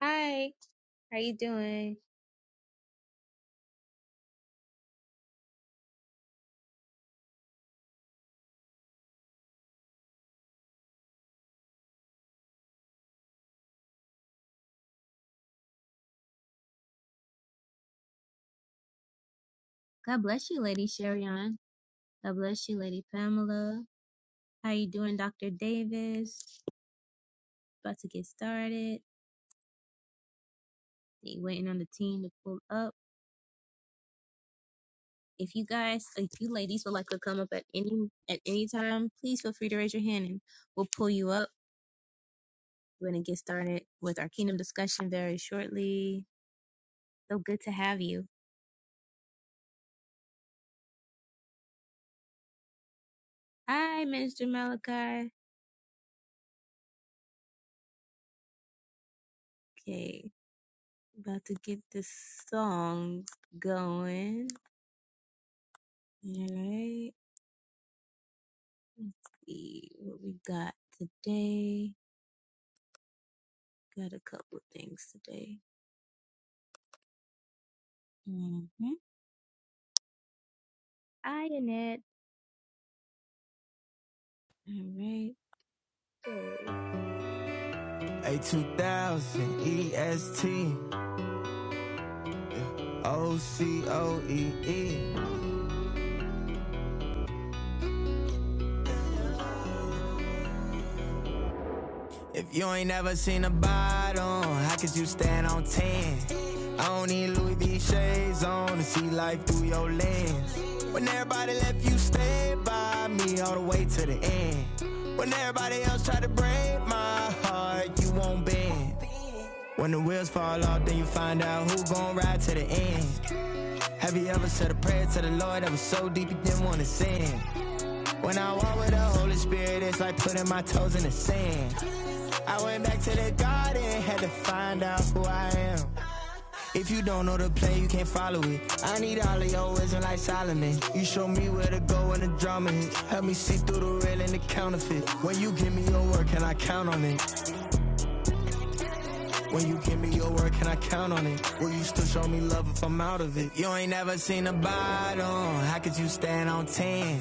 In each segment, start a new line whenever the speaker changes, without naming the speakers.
Hi, how you doing? God bless you, Lady Sherion. God bless you, Lady Pamela. How you doing, Dr. Davis? About to get started. You waiting on the team to pull up. If you guys, if you ladies would like to come up at any at any time, please feel free to raise your hand and we'll pull you up. We're gonna get started with our kingdom discussion very shortly. So good to have you. Hi, Minister Malachi. Okay, about to get this song going. All right. Let's see what we got today. Got a couple of things today. Mm-hmm. Hi, Annette. All right, go.
A2000 O C O E E. If you ain't never seen a bottom, how could you stand on 10? I don't need Louis V shades on to see life through your lens. When everybody left, you stayed by me all the way to the end. When everybody else tried to break my heart, you won't bend. When the wheels fall off, then you find out who gon' ride to the end. Have you ever said a prayer to the Lord that was so deep you didn't wanna sin? When I walk with the Holy Spirit, it's like putting my toes in the sand. I went back to the garden, had to find out who I am. If you don't know the play, you can't follow it. I need all of your wisdom like Solomon. You show me where to go when the drama hit. Help me see through the real and the counterfeit. When you give me your word, can I count on it? When you give me your word, can I count on it? Will you still show me love if I'm out of it? You ain't never seen a bottom. How could you stand on 10?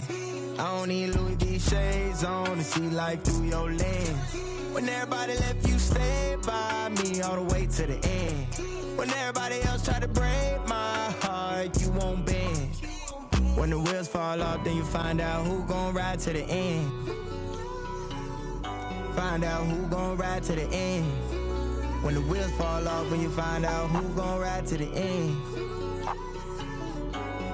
I don't need Louis V shades on to see life through your lens. When everybody left, you stayed by me all the way to the end. When everybody else tried to break my heart, you won't bend. When the wheels fall off, then you find out who gon' ride to the end. Find out who gon' ride to the end. When the wheels fall off and you find out who gon' ride to the end.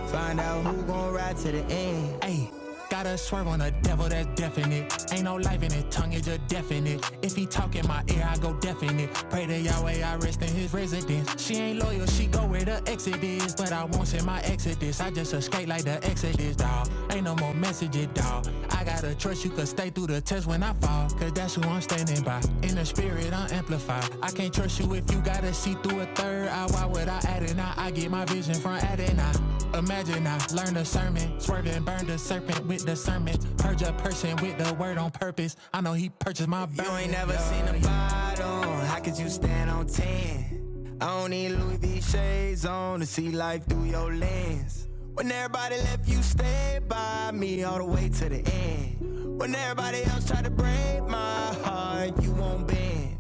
Find out who gon' ride to the end. Ayy, gotta swerve on a devil that's definite. Ain't no life in his tongue, it's just definite. If he talk in my ear, I go definite. Pray to Yahweh, I rest in his residence. She ain't loyal, she go where the exit is. But I won't send my exodus. I just escape like the exodus, dawg. Ain't no more messages, dawg. I gotta trust you could stay through the test when I fall. Cause that's who I'm standing by. In the spirit, I'm amplified. I can't trust you if you gotta see through a third. I now, why would I add it now? I get my vision from adding now. Imagine I learned a sermon, swerving, burned the serpent with the sermon. Purge a person with the word on purpose. I know he purchased my burden. You ain't never yeah. seen a bottle. How could you stand on 10? I don't need Louis V shades on to see life through your lens. When everybody left, you stayed by me all the way to the end. When everybody else tried to break my heart, you won't bend.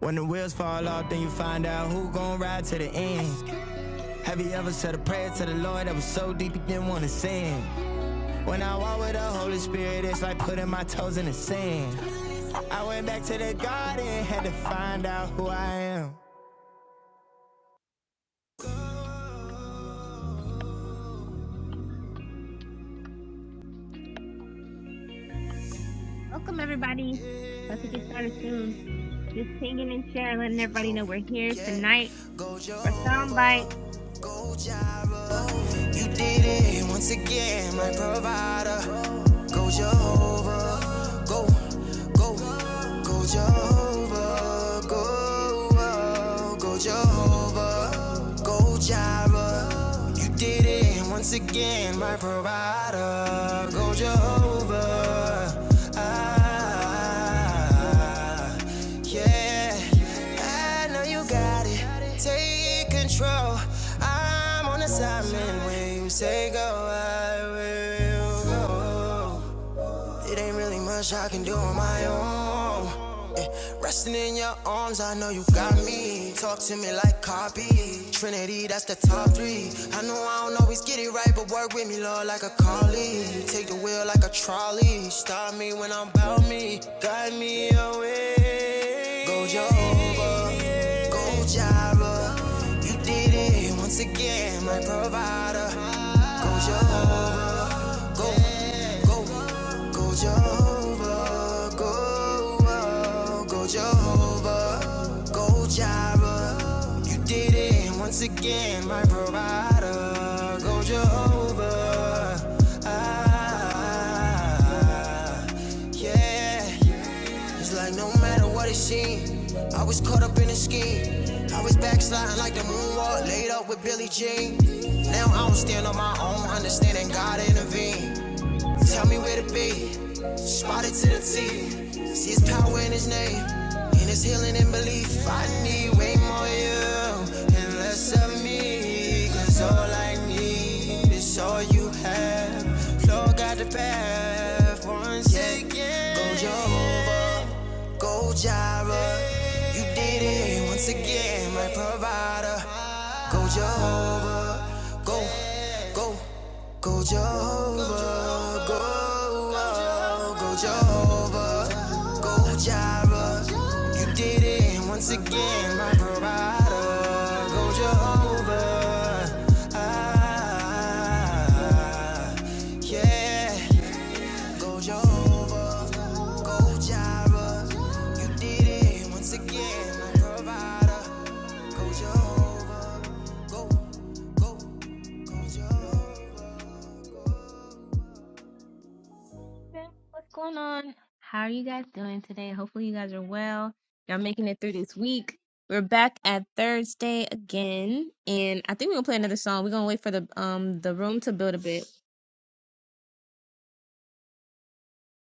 When the wheels fall off, then you find out who gon' ride to the end. Have you ever said a prayer to the Lord that was so deep you didn't wanna sin? When I walk with the Holy Spirit, it's like putting my toes in the sand. I went back to the garden, had to find out who I am.
Welcome, everybody. About to get started soon. Just pinging and sharing, letting
is
everybody know
resolved.
we're here
Yeah,
tonight
go
for Soundbite.
Jehovah, go Jireh. You did it once again, my provider. Go Jehovah, go, go, go Jehovah, go, oh, go Jehovah. Go Jireh, you did it once again, my provider. Go Jehovah, ah, yeah. I know you got it. Take control. I'm on assignment when you say go, I will go. It ain't really much I can do on my own. Eh, Resting in your arms, I know you got me. Talk to me like copy. Trinity, that's the top three. I know I don't always get it right, but work with me, Lord, like a collie. Take the wheel like a trolley. Stop me when I'm about me. Guide me away. Go Jehovah, go Jireh. You did it once again, my provider. Go Jehovah go, go, go Jehovah, go, oh, go Jehovah, go Jireh. You did it once again, my provider. Go Jehovah, ah, yeah. It's like no matter what it seemed, I was caught up in a scheme. I was backsliding like the moonwalk, laid up with Billie Jean. Now I don't stand on my own, understanding God intervened. Tell me where to be, spotted to the T. See his power in his name, in his healing and belief. I need way more of you and less of me, 'cause all I need is all you have. Lord, got the path once again. Go Jehovah. Go Jira, you did it once again, my provider. Go Jehovah, go, go, go Jehovah, go, oh, go Jehovah, go Jira, you did it once again, my provider. Go Jehovah, ah, yeah. Go Jehovah, go Jireh. You did it once again, my provider. Go Jehovah, go, go, go Jehovah.
Yeah, What's going on? How are you guys doing today? Hopefully, you guys are well. Y'all making it through this week. We're back at Thursday again, and I think we're gonna play another song. We're gonna wait for the um the room to build a bit.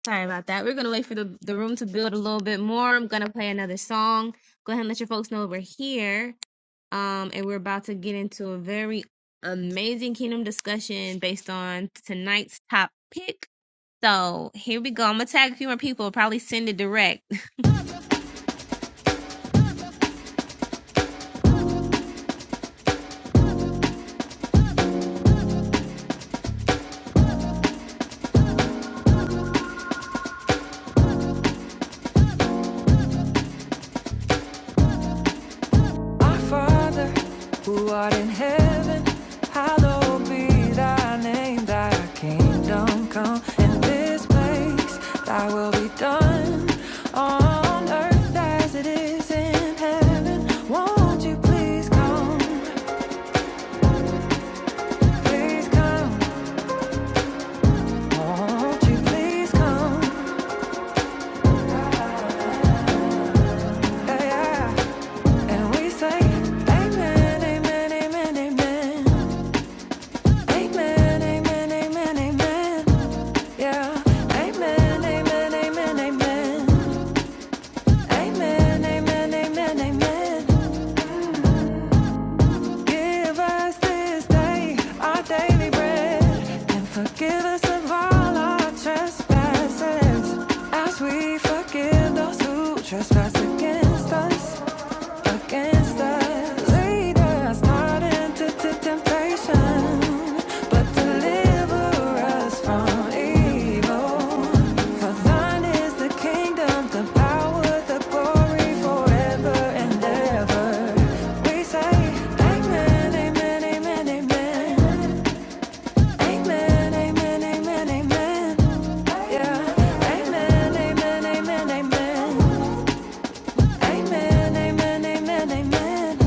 Sorry about that. We're gonna wait for the, the room to build a little bit more. I'm gonna play another song. Go ahead and let your folks know we're here. Um, and we're about to get into a very amazing kingdom discussion based on tonight's top pick. So here we go. I'm gonna tag a few more people, probably send it direct.
Our Father, who art in heaven, hallowed be thy name, thy kingdom come. In this place, thy will be done on earth as it is in heaven. Won't you please come? Please come. Won't you please come? Yeah, yeah. And we say, Amen, amen, amen, amen. Amen, amen, amen, amen. Yeah. Amen, amen, amen, amen. Amen, amen, amen, amen. Give us this day our daily bread and forgive us of all our trespasses as we forgive those who trespass against us. Amen, amen, amen, amen. Amen, amen, amen, amen.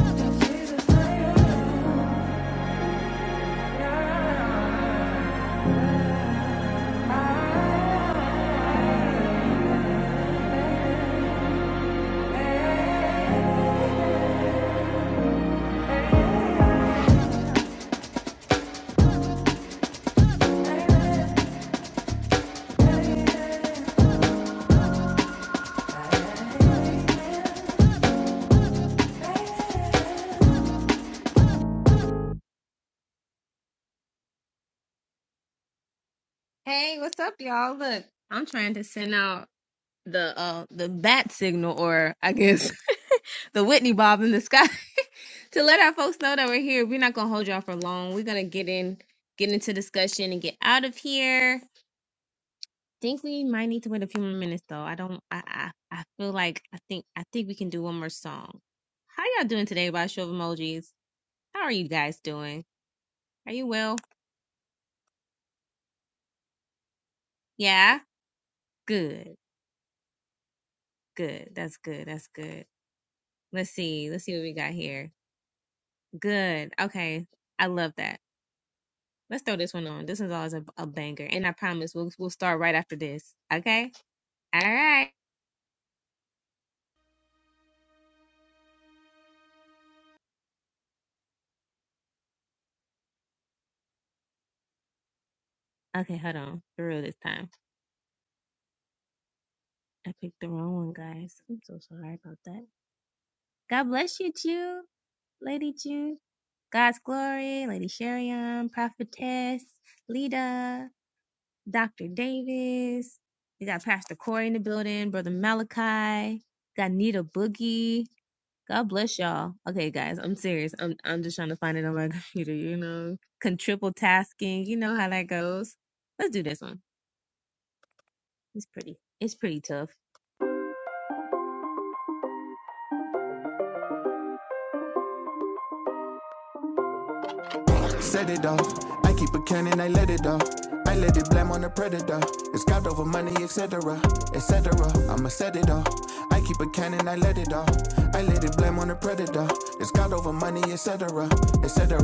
Hey, what's up, y'all? Look, I'm trying to send out the uh the bat signal or I guess the Whitney Bob in the sky. to let our folks know that we're here. We're not gonna hold y'all for long. We're gonna get in, get into discussion, and get out of here. Think we might need to wait a few more minutes though. I don't. I I, I feel like I think I think we can do one more song. How y'all doing today? By a show of emojis. How are you guys doing? Are you well? Yeah. Good. Good. That's good. That's good. Let's see. Let's see what we got here. Good. Okay. I love that. Let's throw this one on. This one's always a, a banger, and I promise we'll we'll start right after this. Okay. All right. Okay, hold on. For real this time. I picked the wrong one, guys. I'm so sorry about that. God bless you, Jew, Lady Jew, God's glory, Lady Sheriam, Prophetess, Lita, Dr. Davis. We got Pastor Corey in the building, Brother Malachi, got Nita Boogie. God bless y'all. Okay, guys, I'm serious. I'm I'm just trying to find it on my computer, you know. Con triple tasking. You know how that goes. Let's do this one. It's pretty. It's pretty tough.
Set it off. I keep a cannon, I let it off. I let it blame on the predator. It's God over money, etc. etc. I'ma set it off. I keep a cannon, I let it off. I let it blame on the predator. It's God over money, etc. etc.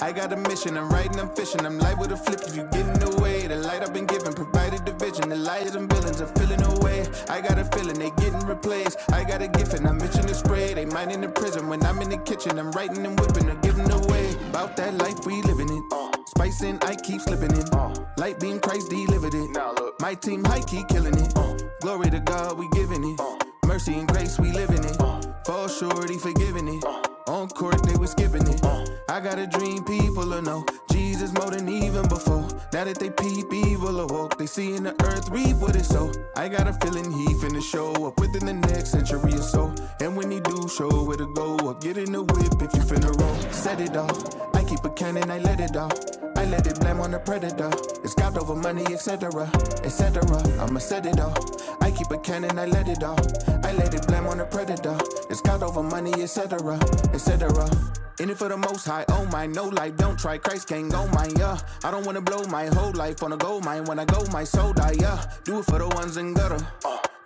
I got a mission, I'm riding, I'm fishing, I'm live with a flip if you get in the way. The light I've been given provided the vision. The liars and villains are filling away. I got a feeling they getting replaced. I got a gift and I'm itching to spray. They mine in the prison when I'm in the kitchen. I'm writing and whipping or giving away. About that life we living it. spicing I keep slipping it. Light beam Christ delivered it up. My team high key killing it. Uh, Glory to God, we giving it. Uh, Mercy and grace, we living it. Uh, Fall short, he forgiving it. Uh, On court, they was skipping it. Uh, I got a dream, people will know. Jesus more than even before. Now that they peep, evil awoke. They see in the earth, reap what it so. I got a feeling he finna show up within the next century or so. And when he do, show where to go. Or get in the whip if you finna roll. Set it off. I keep a cannon, I let it off. I let it blame on the predator. It's God over money, etc. etc. I'ma set it off. I keep a cannon, I let it off. I let it blame on the predator. It's God over money, etc. etc. In it for the most high, oh my, no life, don't try, Christ can't go mine, yeah. I don't wanna blow my whole life on a gold mine, when I go, my soul die, yeah. Do it for the ones in gutter.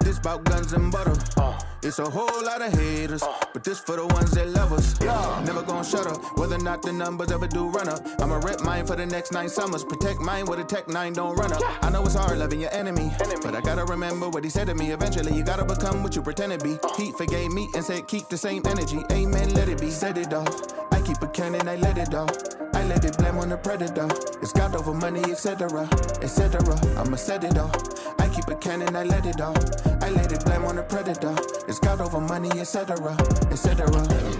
This bout guns and butter. Uh, It's a whole lot of haters, uh, but this for the ones that love us. Yeah. Never gonna shut up, whether or not the numbers ever do run up. I'ma rep mine for the next nine summers. Protect mine with a tech nine, don't run up. Yeah. I know it's hard loving your enemy, enemy, but I gotta remember what he said to me. Eventually, you gotta become what you pretend to be. Uh. He forgave me and said, keep the same energy. Amen, let it be. Said it all. I keep a cannon, I let it all. I let it blame on the predator. It's God over money, etc. etc. I'ma set it all. I Keep a cannon, I let it off. I laid it blame on the predator. It's God over money, etc., etc.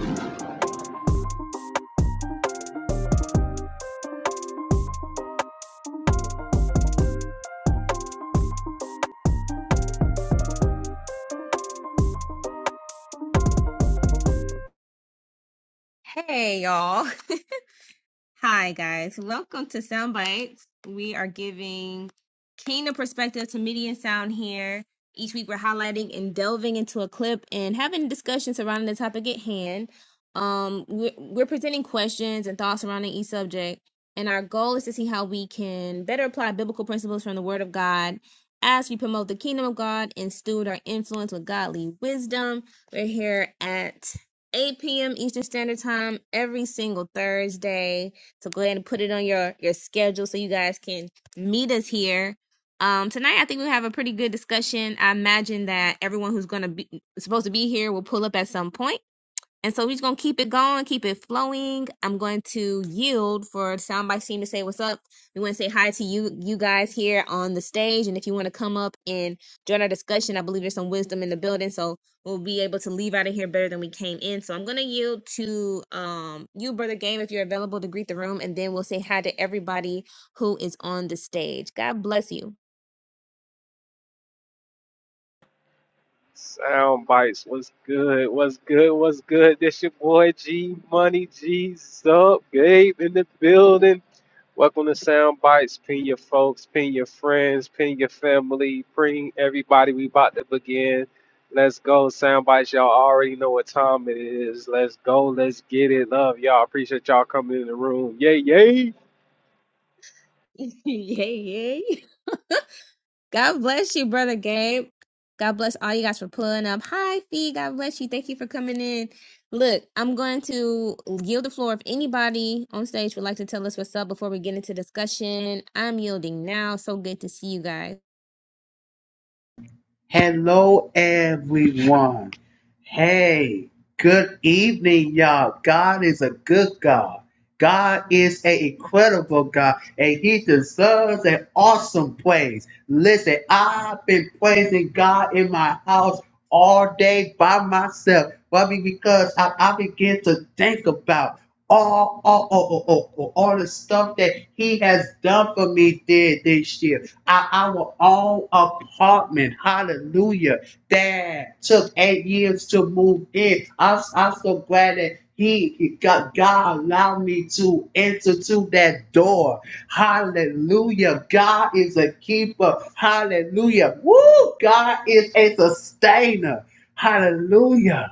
Hey y'all. Hi, guys. Welcome to Sound Bites. We are giving kingdom perspective to media and sound here. Each week, we're highlighting and delving into a clip and having discussions surrounding the topic at hand. Um, we're, we're presenting questions and thoughts surrounding each subject, and our goal is to see how we can better apply biblical principles from the Word of God as we promote the kingdom of God and steward our influence with godly wisdom. We're here at 8 p.m. Eastern Standard Time every single Thursday so go ahead and put it on your your schedule so you guys can meet us here. Um, tonight I think we have a pretty good discussion. I imagine that everyone who's going to be supposed to be here will pull up at some point. And so we're just gonna keep it going, keep it flowing. I'm going to yield for soundbite team to say what's up. We want to say hi to you, you guys here on the stage. And if you want to come up and join our discussion, I believe there's some wisdom in the building, so we'll be able to leave out of here better than we came in. So I'm gonna yield to um you, brother Game, if you're available to greet the room, and then we'll say hi to everybody who is on the stage. God bless you.
Sound bites. What's good? What's good? What's good? This your boy G Money G Sub Gabe in the building. Welcome to Sound Bites. Pin your folks, pin your friends, pin your family, bring everybody. We about to begin. Let's go, Sound Bites. Y'all already know what time it is. Let's go. Let's get it. Love y'all. Appreciate y'all coming in the room. Yay, yay.
yay, yay. God bless you, brother Gabe. God bless all you guys for pulling up. Hi, Fee. God bless you. Thank you for coming in. Look, I'm going to yield the floor. If anybody on stage would like to tell us what's up before we get into discussion, I'm yielding now. So good to see you guys.
Hello, everyone. Hey, good evening, y'all. God is a good God. God is an incredible God and he deserves an awesome praise. Listen, I've been praising God in my house all day by myself. Why? Because I, I begin to think about all, all, all, all, all, all the stuff that he has done for me did this year. I, our own apartment, hallelujah, that took eight years to move in. I'm, I'm so glad that he, he- God, God allowed me to enter to that door. Hallelujah. God is a keeper. Hallelujah. Woo! God is a sustainer. Hallelujah.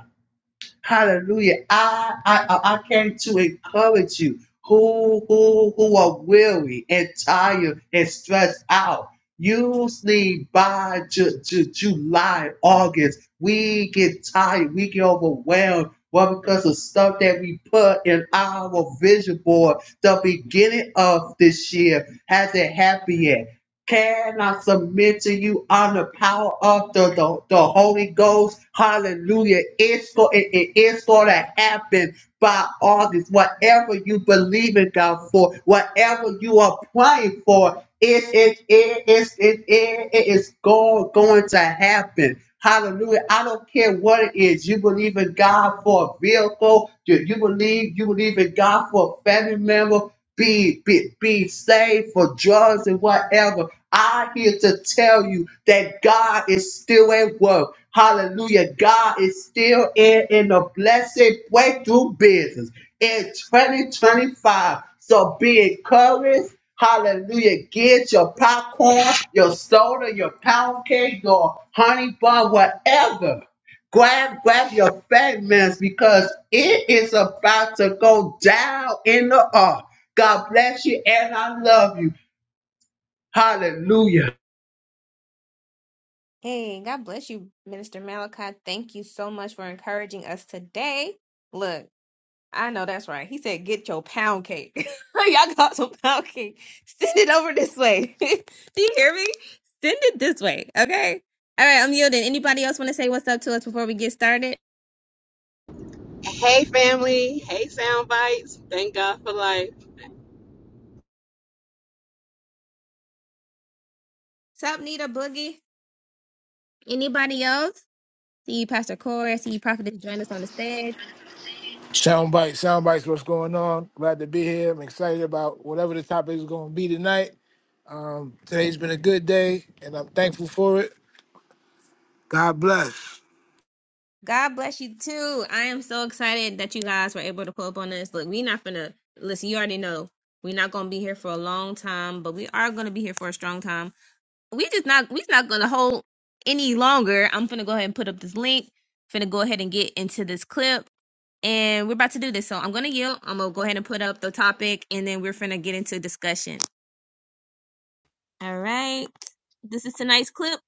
Hallelujah. I I I came to encourage you who who who are weary and tired and stressed out. Usually by Ju- Ju- July, August, we get tired, we get overwhelmed. Well, because of stuff that we put in our vision board the beginning of this year hasn't happened yet can I submit to you on the power of the, the, the Holy Ghost? Hallelujah. It's go, it, it- it's going to happen by August. Whatever you believe in God for, whatever you are praying for, it, it, it, it, it, it, it is go, going to happen. Hallelujah. I don't care what it is. You believe in God for a vehicle. You, you believe you believe in God for a family member be, be, be saved for drugs and whatever. I'm here to tell you that God is still at work. Hallelujah. God is still in, in the blessed breakthrough business in 2025. So be encouraged. Hallelujah. Get your popcorn, your soda, your pound cake, your honey bun, whatever grab grab your fragments because it is about to go down in the ark. God bless you and I love you. Hallelujah.
Hey, God bless you, Minister Malachi. Thank you so much for encouraging us today. Look. I know that's right. He said, "Get your pound cake. Y'all got some pound cake. Send it over this way. Do you hear me? Send it this way, okay? All right, I'm yielding. Anybody else want to say what's up to us before we get started?
Hey, family. Hey, sound bites. Thank God for life.
What's up, Nita Boogie? Anybody else? See you, Pastor Corey. I See you, Prophet. Join us on the stage.
Soundbite. Soundbites. What's going on? Glad to be here. I'm excited about whatever the topic is going to be tonight. Um, today's been a good day, and I'm thankful for it. God bless.
God bless you too. I am so excited that you guys were able to pull up on us. Look, we're not gonna listen. You already know we're not gonna be here for a long time, but we are gonna be here for a strong time we just not we's not gonna hold any longer. I'm gonna go ahead and put up this link. Finna go ahead and get into this clip, and we're about to do this. So I'm gonna yield. I'm gonna go ahead and put up the topic, and then we're finna get into discussion. All right. This is tonight's clip.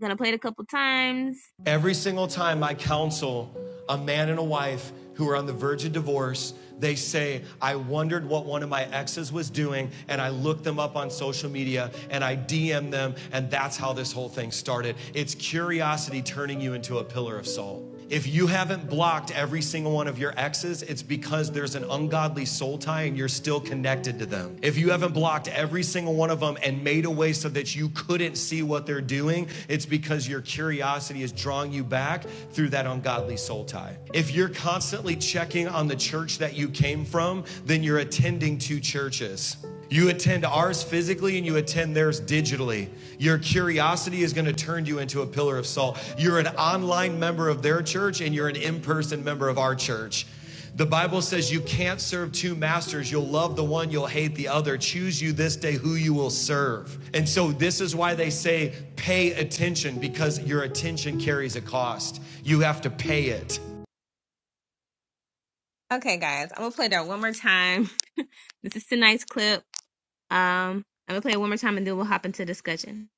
gonna play it a couple times.
Every single time I counsel a man and a wife who are on the verge of divorce, they say, I wondered what one of my exes was doing, and I looked them up on social media and I DM them, and that's how this whole thing started. It's curiosity turning you into a pillar of salt. If you haven't blocked every single one of your exes, it's because there's an ungodly soul tie and you're still connected to them. If you haven't blocked every single one of them and made a way so that you couldn't see what they're doing, it's because your curiosity is drawing you back through that ungodly soul tie. If you're constantly checking on the church that you came from, then you're attending two churches. You attend ours physically and you attend theirs digitally. Your curiosity is going to turn you into a pillar of salt. You're an online member of their church and you're an in person member of our church. The Bible says you can't serve two masters. You'll love the one, you'll hate the other. Choose you this day who you will serve. And so, this is why they say pay attention because your attention carries a cost. You have to pay it.
Okay, guys, I'm gonna play that one more time. this is tonight's clip. Um, I'm gonna play it one more time, and then we'll hop into discussion.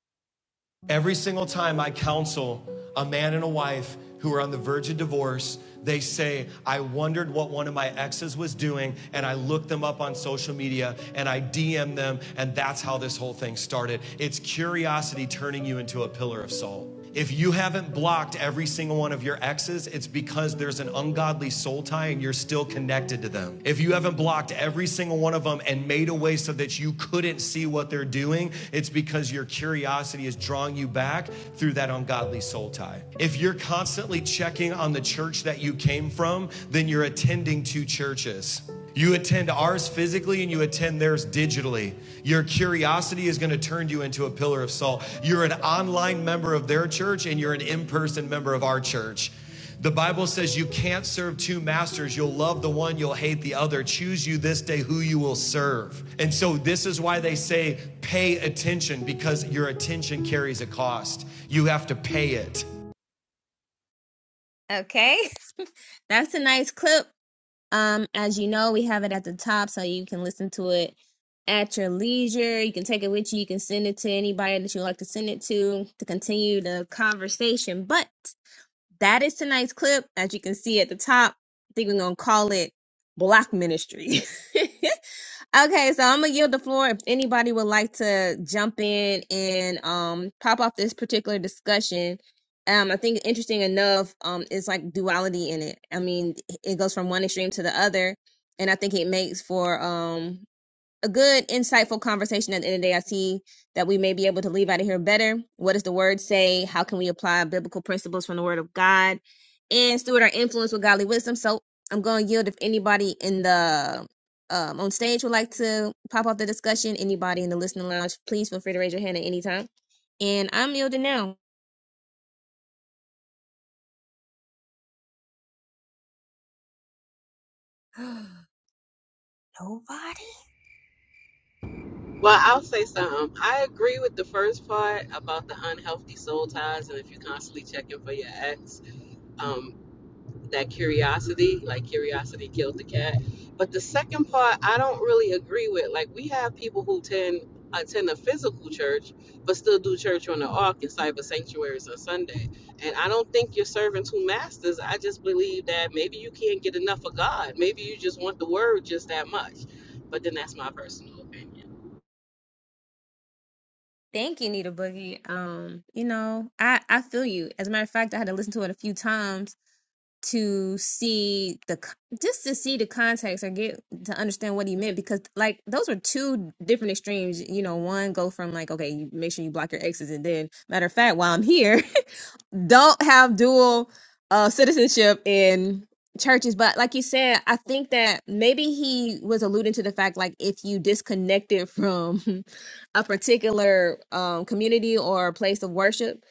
Every single time I counsel a man and a wife who are on the verge of divorce, they say, I wondered what one of my exes was doing, and I looked them up on social media and I DM them, and that's how this whole thing started. It's curiosity turning you into a pillar of salt. If you haven't blocked every single one of your exes, it's because there's an ungodly soul tie and you're still connected to them. If you haven't blocked every single one of them and made a way so that you couldn't see what they're doing, it's because your curiosity is drawing you back through that ungodly soul tie. If you're constantly checking on the church that you came from, then you're attending two churches. You attend ours physically and you attend theirs digitally. Your curiosity is going to turn you into a pillar of salt. You're an online member of their church and you're an in person member of our church. The Bible says you can't serve two masters. You'll love the one, you'll hate the other. Choose you this day who you will serve. And so, this is why they say pay attention because your attention carries a cost. You have to pay it.
Okay, that's tonight's clip. Um, as you know, we have it at the top so you can listen to it at your leisure. You can take it with you. You can send it to anybody that you like to send it to to continue the conversation. But that is tonight's clip. As you can see at the top, I think we're going to call it Block Ministry. Okay, so I'm gonna yield the floor if anybody would like to jump in and um pop off this particular discussion. Um, I think interesting enough, um, it's like duality in it. I mean, it goes from one extreme to the other, and I think it makes for um a good, insightful conversation at the end of the day. I see that we may be able to leave out of here better. What does the word say? How can we apply biblical principles from the word of God and steward our influence with godly wisdom? So I'm going to yield if anybody in the um, on stage would like to pop off the discussion. Anybody in the listening lounge, please feel free to raise your hand at any time. And I'm yielding now.
Well, I'll say something. I agree with the first part about the unhealthy soul ties, and if you're constantly checking for your ex. um, that curiosity, like curiosity killed the cat. But the second part, I don't really agree with. Like we have people who tend attend a physical church, but still do church on the ark inside of sanctuaries on Sunday. And I don't think you're serving two masters. I just believe that maybe you can't get enough of God. Maybe you just want the word just that much. But then that's my personal opinion.
Thank you, Nita Boogie. Um, you know, I I feel you. As a matter of fact, I had to listen to it a few times to see the c- just to see the context or get to understand what he meant because like those are two different extremes you know one go from like okay you make sure you block your exes and then matter of fact while i'm here don't have dual uh citizenship in churches but like you said i think that maybe he was alluding to the fact like if you disconnected from a particular um community or place of worship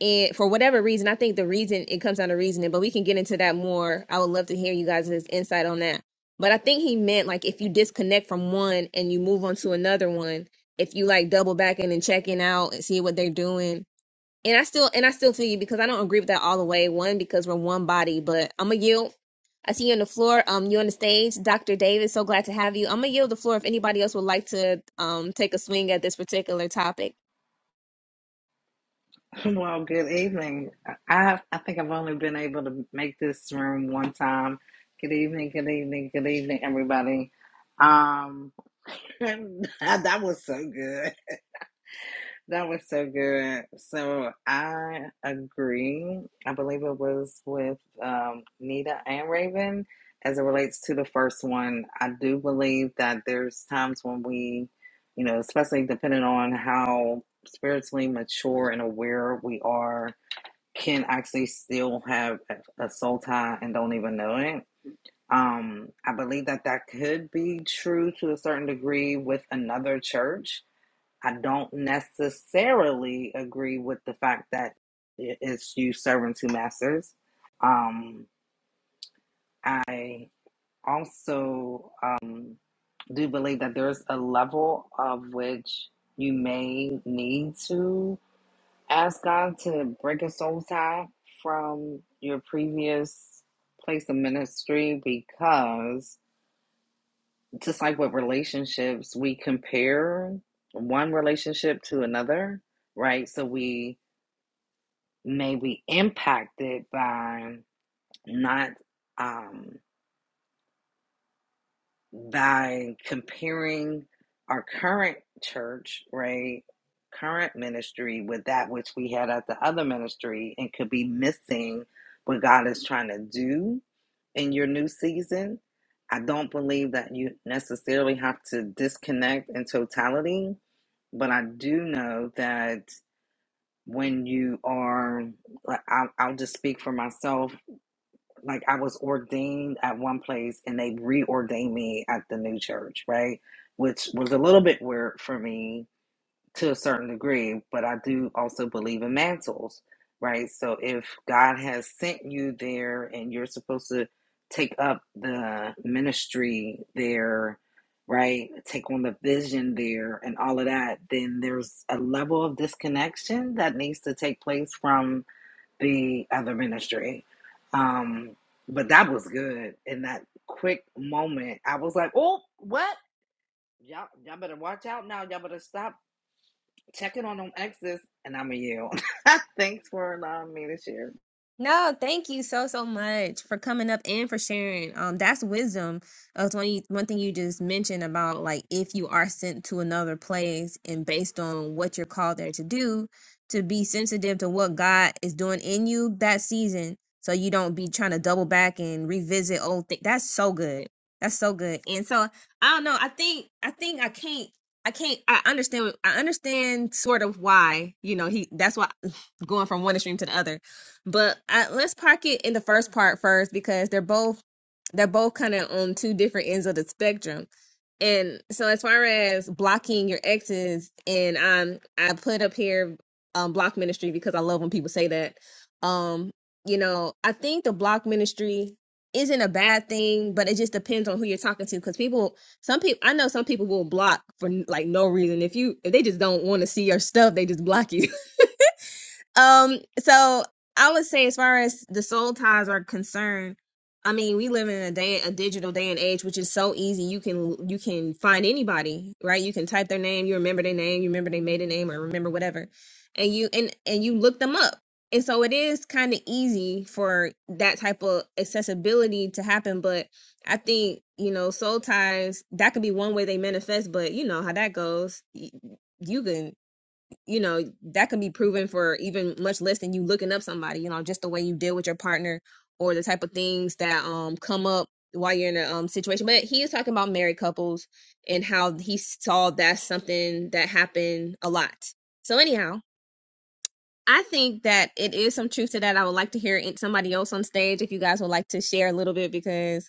and for whatever reason i think the reason it comes down to reasoning but we can get into that more i would love to hear you guys insight on that but i think he meant like if you disconnect from one and you move on to another one if you like double back in and checking out and see what they're doing and I still and I still feel you because I don't agree with that all the way. One, because we're one body, but I'm gonna yield. I see you on the floor. Um, you on the stage, Dr. Davis. So glad to have you. I'm gonna yield the floor if anybody else would like to um take a swing at this particular topic.
Well, good evening. I I think I've only been able to make this room one time. Good evening, good evening, good evening, everybody. Um, that was so good. That was so good. So I agree. I believe it was with um, Nita and Raven as it relates to the first one. I do believe that there's times when we, you know, especially depending on how spiritually mature and aware we are can actually still have a, soul tie and don't even know it. Um, I believe that that could be true to a certain degree with another church. I don't necessarily agree with the fact that it's you serving two masters. Um, I also um, do believe that there's a level of which you may need to. Ask God to break a soul tie from your previous place of ministry because just like with relationships, we compare one relationship to another, right? So we may be impacted by not um by comparing our current church, right, current ministry with that which we had at the other ministry and could be missing what God is trying to do in your new season. I don't believe that you necessarily have to disconnect in totality, but I do know that when you are, like, I'll, I'll just speak for myself like I was ordained at one place and they reordained me at the new church, right? Which was a little bit weird for me to a certain degree, but I do also believe in mantles, right? So if God has sent you there and you're supposed to take up the ministry there, right? Take on the vision there and all of that, then there's a level of disconnection that needs to take place from the other ministry. Um, but that was good. In that quick moment, I was like, "Oh, what? Y'all, y'all better watch out now. Y'all better stop checking on them exes." And I'm a yield. Thanks for allowing me to share.
No, thank you so so much for coming up and for sharing. Um, that's wisdom. Uh, it's one you- one thing you just mentioned about like if you are sent to another place and based on what you're called there to do, to be sensitive to what God is doing in you that season, so you don't be trying to double back and revisit old things. That's so good. That's so good. And so I don't know. I think I think I can't. I can't. I understand. I understand sort of why you know he. That's why going from one extreme to the other but I, let's park it in the first part first because they're both they're both kind of on two different ends of the spectrum. And so as far as blocking your exes, and um, I put up here um block ministry because I love when people say that. Um, you know, I think the block ministry isn't a bad thing, but it just depends on who you're talking to because people some people I know some people will block for like no reason. If you if they just don't want to see your stuff, they just block you. Um, so I would say as far as the soul ties are concerned, I mean, we live in a day a digital day and age which is so easy. You can you can find anybody, right? You can type their name, you remember their name, you remember they made a name or remember whatever. And you and and you look them up. And so it is kind of easy for that type of accessibility to happen, but I think, you know, soul ties, that could be one way they manifest, but you know how that goes Y- You can you know that can be proven for even much less than you looking up somebody you know just the way you deal with your partner or the type of things that um come up while you're in a um, situation but he is talking about married couples and how he saw that's something that happened a lot so anyhow i think that it is some truth to that i would like to hear it- somebody else on stage if you guys would like to share a little bit because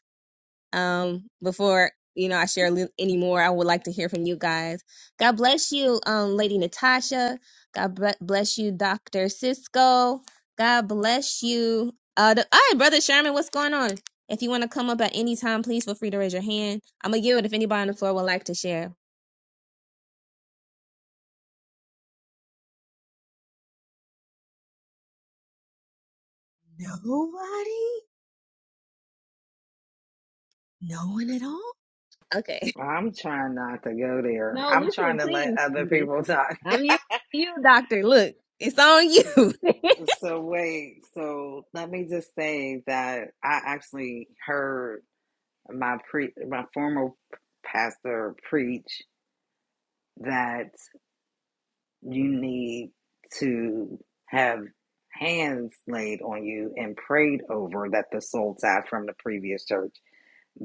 um, before you know I share li- any more, I would like to hear from you guys. God bless you, um, Lady Natasha. God bre- bless you, Doctor Cisco. God bless you. Uh, the- all right, Brother Sherman, what's going on? If you want to come up at any time, please feel free to raise your hand. I'm gonna yield if anybody on the floor would like to share. Nobody? No one at all? Okay.
I'm trying not to go there.
No,
I'm
listen,
trying to
please.
let other people
Listen.
talk.
I'm you, you, Doctor. Look, it's on you.
So wait. So let me just say that I actually heard my pre my former pastor preach that. you need to have hands laid on you and prayed over that the soul tie from the previous church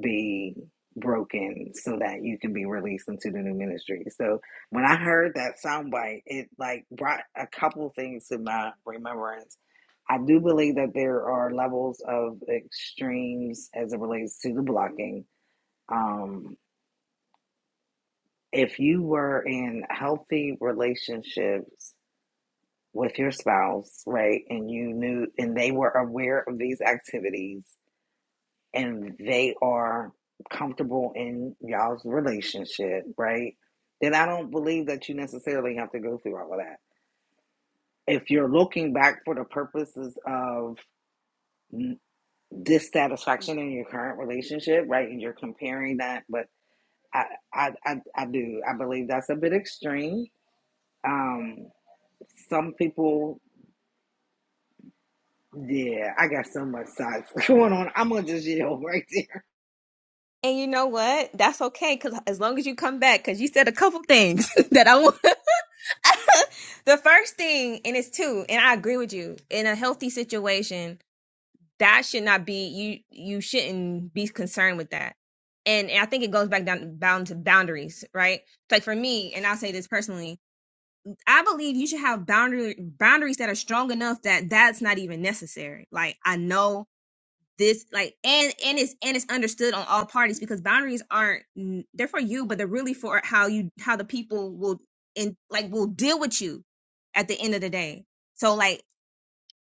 be broken so that you can be released into the new ministry. So when I heard that soundbite, it like brought a couple things to my remembrance. I do believe that there are levels of extremes as it relates to the blocking. Um, if you were in healthy relationships with your spouse, right? And you knew, and they were aware of these activities and they are comfortable in y'all's relationship, right? Then I don't believe that you necessarily have to go through all of that. If you're looking back for the purposes of dissatisfaction in your current relationship, right, and you're comparing that, but I, I, I, I do. I believe that's a bit extreme. Um, some people Yeah, I got so much side going on. I'm gonna just yell right there.
And you know what? That's okay, cause as long as you come back, cause you said a couple things that I want. the first thing, and it's two, and I agree with you. In a healthy situation, that should not be you. You shouldn't be concerned with that. And, and I think it goes back down bound to boundaries, right? Like for me, and I'll say this personally, I believe you should have boundary boundaries that are strong enough that that's not even necessary. Like I know this like and and it's and it's understood on all parties because boundaries aren't n- they're for you but they're really for how you how the people will and like will deal with you at the end of the day so like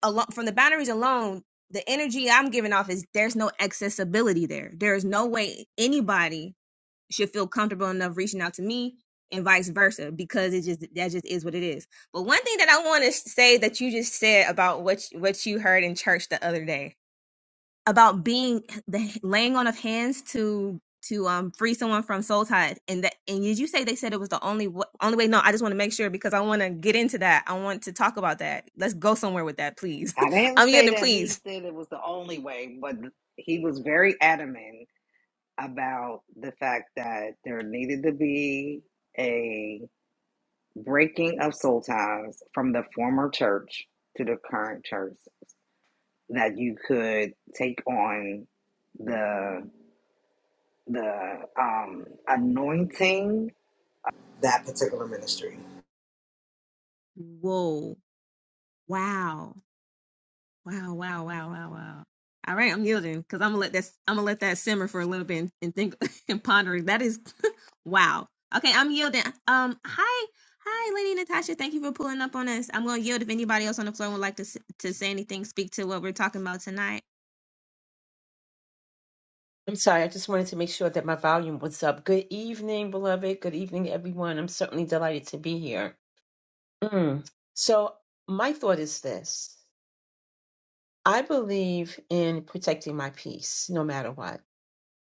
along from the boundaries alone the energy i'm giving off is there's no accessibility there there is no way anybody should feel comfortable enough reaching out to me and vice versa because it just that just is what it is but one thing that i want to say that you just said about what you- what you heard in church the other day about being the laying on of hands to to um free someone from soul tide and that and did you say they said it was the only wa- only way no i just want to make sure because i want to get into that i want to talk about that let's go somewhere with that please
I didn't
i'm
say
yielding
that he
please
said it was the only way, but he was very adamant about the fact that there needed to be a breaking of soul ties from the former church to the current church that you could take on the the um anointing that particular ministry.
whoa wow Wow, wow, wow, wow, wow. All right, I'm yielding because I'm gonna let that I'm gonna let that simmer for a little bit and, and think and ponder. That is wow. Okay, I'm yielding. Um, hi, hi, Lady Natasha. Thank you for pulling up on us. I'm gonna yield if anybody else on the floor would like to s- to say anything, speak to what we're talking about tonight.
I'm sorry, I just wanted to make sure that my volume was up. Good evening, beloved. Good evening, everyone. I'm certainly delighted to be here. Mm. So, my thought is this I believe in protecting my peace no matter what.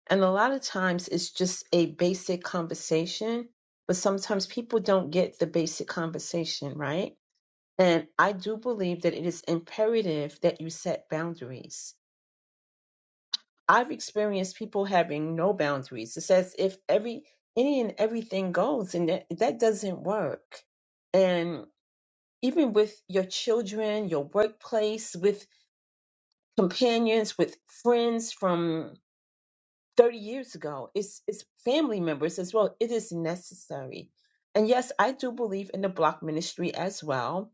And a lot of times it's just a basic conversation, but sometimes people don't get the basic conversation, right? And I do believe that it is imperative that you set boundaries I've experienced people having no boundaries. It's as if every any and everything goes, and that, that doesn't work. And even with your children, your workplace, with companions, with friends from 30 years ago. It's, it's family members as well. It is necessary. And yes, I do believe in the block ministry as well.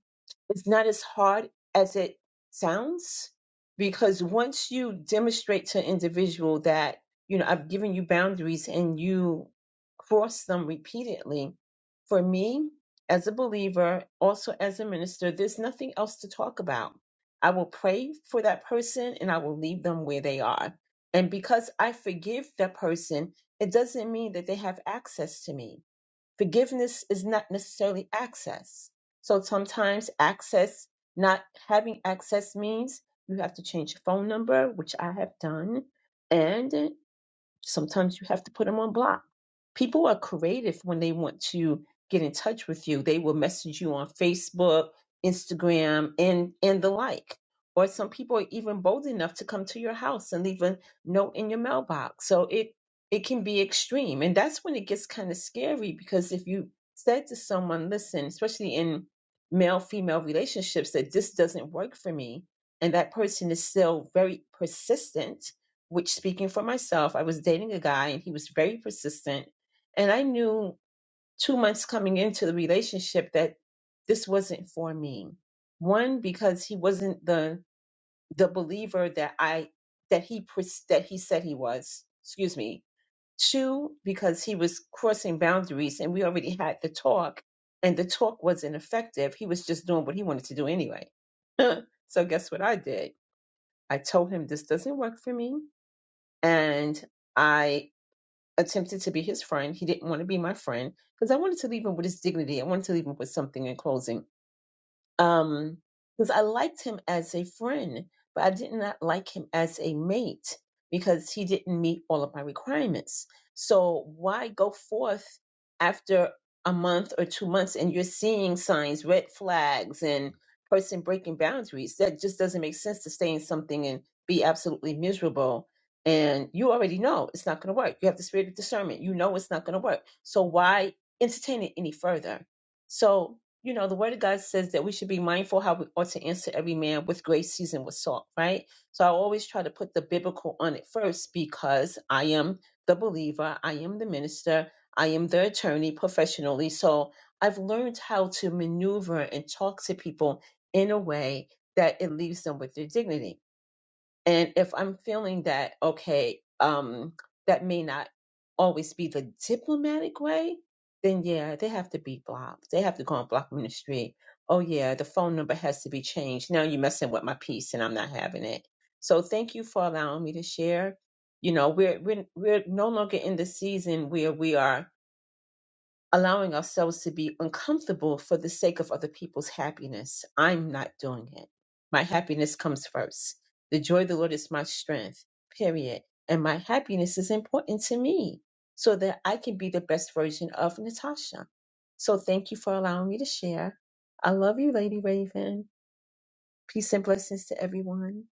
It's not as hard as it sounds because once you demonstrate to an individual that, you know, I've given you boundaries and you cross them repeatedly, for me, as a believer, also as a minister, there's nothing else to talk about. I will pray for that person and I will leave them where they are and because I forgive that person, it doesn't mean that they have access to me. Forgiveness is not necessarily access. So sometimes access, not having access means you have to change your phone number, which I have done. And Sometimes you have to put them on block. People are creative when they want to get in touch with you. They will message you on Facebook, Instagram, and and the like. Or some people are even bold enough to come to your house and leave a note in your mailbox. So it it can be extreme, and that's when it gets kind of scary because if you said to someone, "Listen," especially in male female relationships, that this doesn't work for me, and that person is still very persistent which speaking for myself, I was dating a guy and he was very persistent. And I knew two months coming into the relationship that this wasn't for me. One, because he wasn't the the believer that I that he pres- that he said he was. Excuse me. Two, because he was crossing boundaries and we already had the talk and the talk wasn't effective. He was just doing what he wanted to do anyway. so guess what I did? I told him this doesn't work for me and I attempted to be his friend. He didn't want to be my friend because I wanted to leave him with his dignity. I wanted to leave him with something in closing um because I liked him as a friend, but I did not like him as a mate because he didn't meet all of my requirements. So why go forth after a month or two months and you're seeing signs, red flags and person breaking boundaries? That just doesn't make sense to stay in something and be absolutely miserable. And you already know it's not going to work. You have the spirit of discernment. You know it's not going to work. So why entertain it any further? So you know, the word of God says that we should be mindful how we ought to answer every man with grace seasoned with salt, right? So I always try to put the biblical on it first because I am the believer, I am the minister, I am the attorney professionally. So I've learned how to maneuver and talk to people in a way that it leaves them with their dignity and if I'm feeling that, okay, um, that may not always be the diplomatic way, then yeah, they have to be blocked. They have to go and block me in the street. Oh yeah, the phone number has to be changed. Now you're messing with my peace and I'm not having it. So thank you for allowing me to share. You know, we're we're we're no longer in the season where we are allowing ourselves to be uncomfortable for the sake of other people's happiness. I'm not doing it. My happiness comes first. The joy of the Lord is my strength, period. And my happiness is important to me so that I can be the best version of Natasha. So thank you for allowing me to share. I love you, Lady Raven. Peace and blessings to everyone.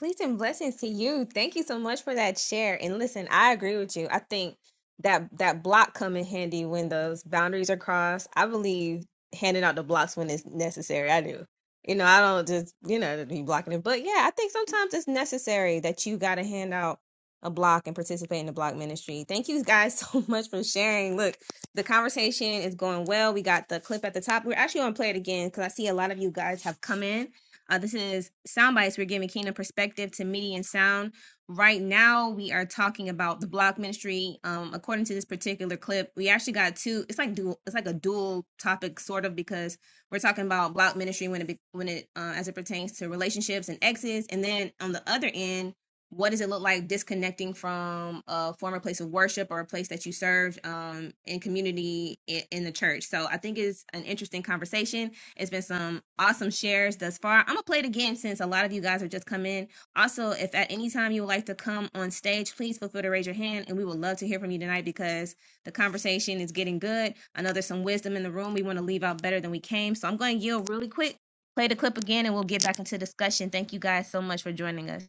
Peace and blessings to you. Thank you so much for that share. And listen, I agree with you. I think that that block come in handy when those boundaries are crossed. I believe handing out the blocks when it's necessary. I do. You know, I don't just, you know, be blocking it. But yeah, I think sometimes it's necessary that you got to hand out a block and participate in the block ministry. Thank you guys so much for sharing. Look, the conversation is going well. We got the clip at the top. We're actually going to play it again because I see a lot of you guys have come in. Uh, this is sound bites. We're giving kingdom perspective to media and sound. Right now, we are talking about the block ministry. Um, according to this particular clip, we actually got two. It's like dual. It's like a dual topic, sort of, because we're talking about block ministry when it be- when it uh, as it pertains to relationships and exes, and then on the other end, what does it look like disconnecting from a former place of worship or a place that you served um, in community in, in the church? So I think it's an interesting conversation. It's been some awesome shares thus far. I'm gonna play it again since a lot of you guys have just come in. Also, if at any time you would like to come on stage, please feel free to raise your hand, and we would love to hear from you tonight because the conversation is getting good. I know there's some wisdom in the room. We want to leave out better than we came, so I'm going to yield really quick. Play the clip again, and we'll get back into discussion. Thank you guys so much for joining us.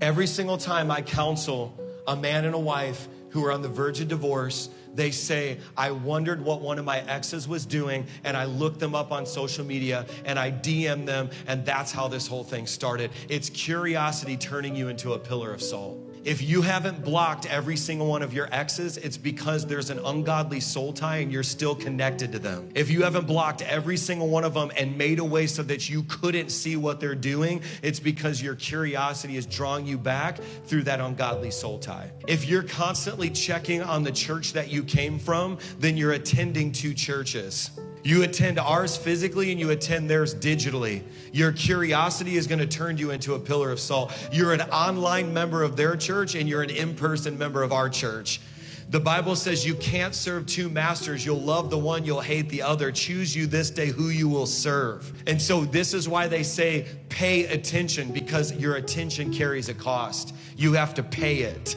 Every single time I counsel a man and a wife who are on the verge of divorce, they say, I wondered what one of my exes was doing, and I looked them up on social media and I DM them, and that's how this whole thing started. It's curiosity turning you into a pillar of salt. If you haven't blocked every single one of your exes, it's because there's an ungodly soul tie and you're still connected to them. If you haven't blocked every single one of them and made a way so that you couldn't see what they're doing, it's because your curiosity is drawing you back through that ungodly soul tie. If you're constantly checking on the church that you came from, then you're attending two churches. You attend ours physically and you attend theirs digitally. Your curiosity is going to turn you into a pillar of salt. You're an online member of their church and you're an in person member of our church. The Bible says you can't serve two masters. You'll love the one, you'll hate the other. Choose you this day who you will serve. And so, this is why they say pay attention because your attention carries a cost. You have to pay it.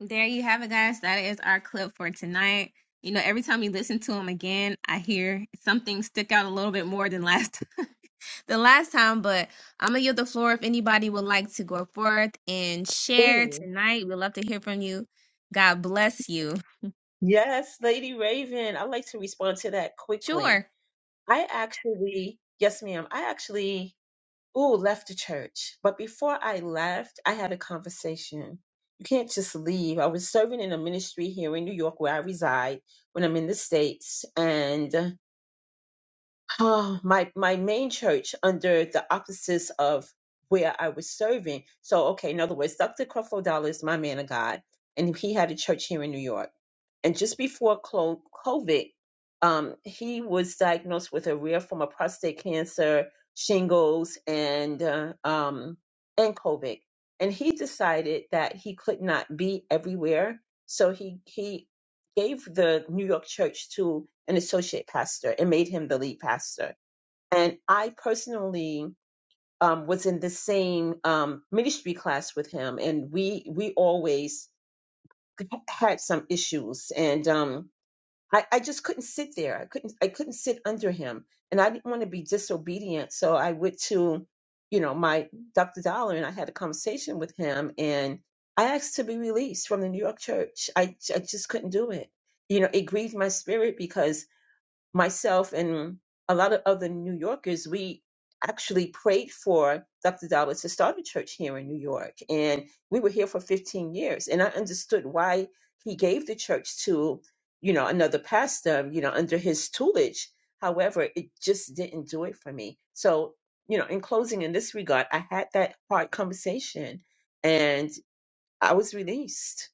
There you have it, guys. That is our clip for tonight. You know, every time you listen to them again, I hear something stick out a little bit more than last time. the last time, but I'm gonna yield the floor if anybody would like to go forth and share
Ooh.
tonight. We'd love to hear from you. God bless you.
Yes, Lady Raven. I'd like to respond to that quickly.
Sure.
I actually, yes, ma'am. I actually Ooh, left the church. But before I left, I had a conversation. You can't just leave. I was serving in a ministry here in New York where I reside when I'm in the States. And oh, my, my main church under the opposites of where I was serving. So, okay, in other words, Dr. Creflo Dollar is my man of God, and he had a church here in New York. And just before clo- COVID, um, he was diagnosed with a rare form of prostate cancer, shingles, and uh, um, and COVID. And he decided that he could not be everywhere, so he he gave the New York church to an associate pastor and made him the lead pastor. And I personally um, was in the same um, ministry class with him, and we we always had some issues and. Um, I, I just couldn't sit there. I couldn't I couldn't sit under him. And I didn't want to be disobedient. So I went to, you know, my Dr. Dollar and I had a conversation with him and I asked to be released from the New York church. I, I just couldn't do it. You know, it grieved my spirit because myself and a lot of other New Yorkers, we actually prayed for Dr. Dollar to start a church here in New York. And we were here for 15 years. And I understood why he gave the church to, you know, another pastor, you know, under his tutelage. However, it just didn't do it for me. So, you know, in closing, in this regard, I had that hard conversation and I was released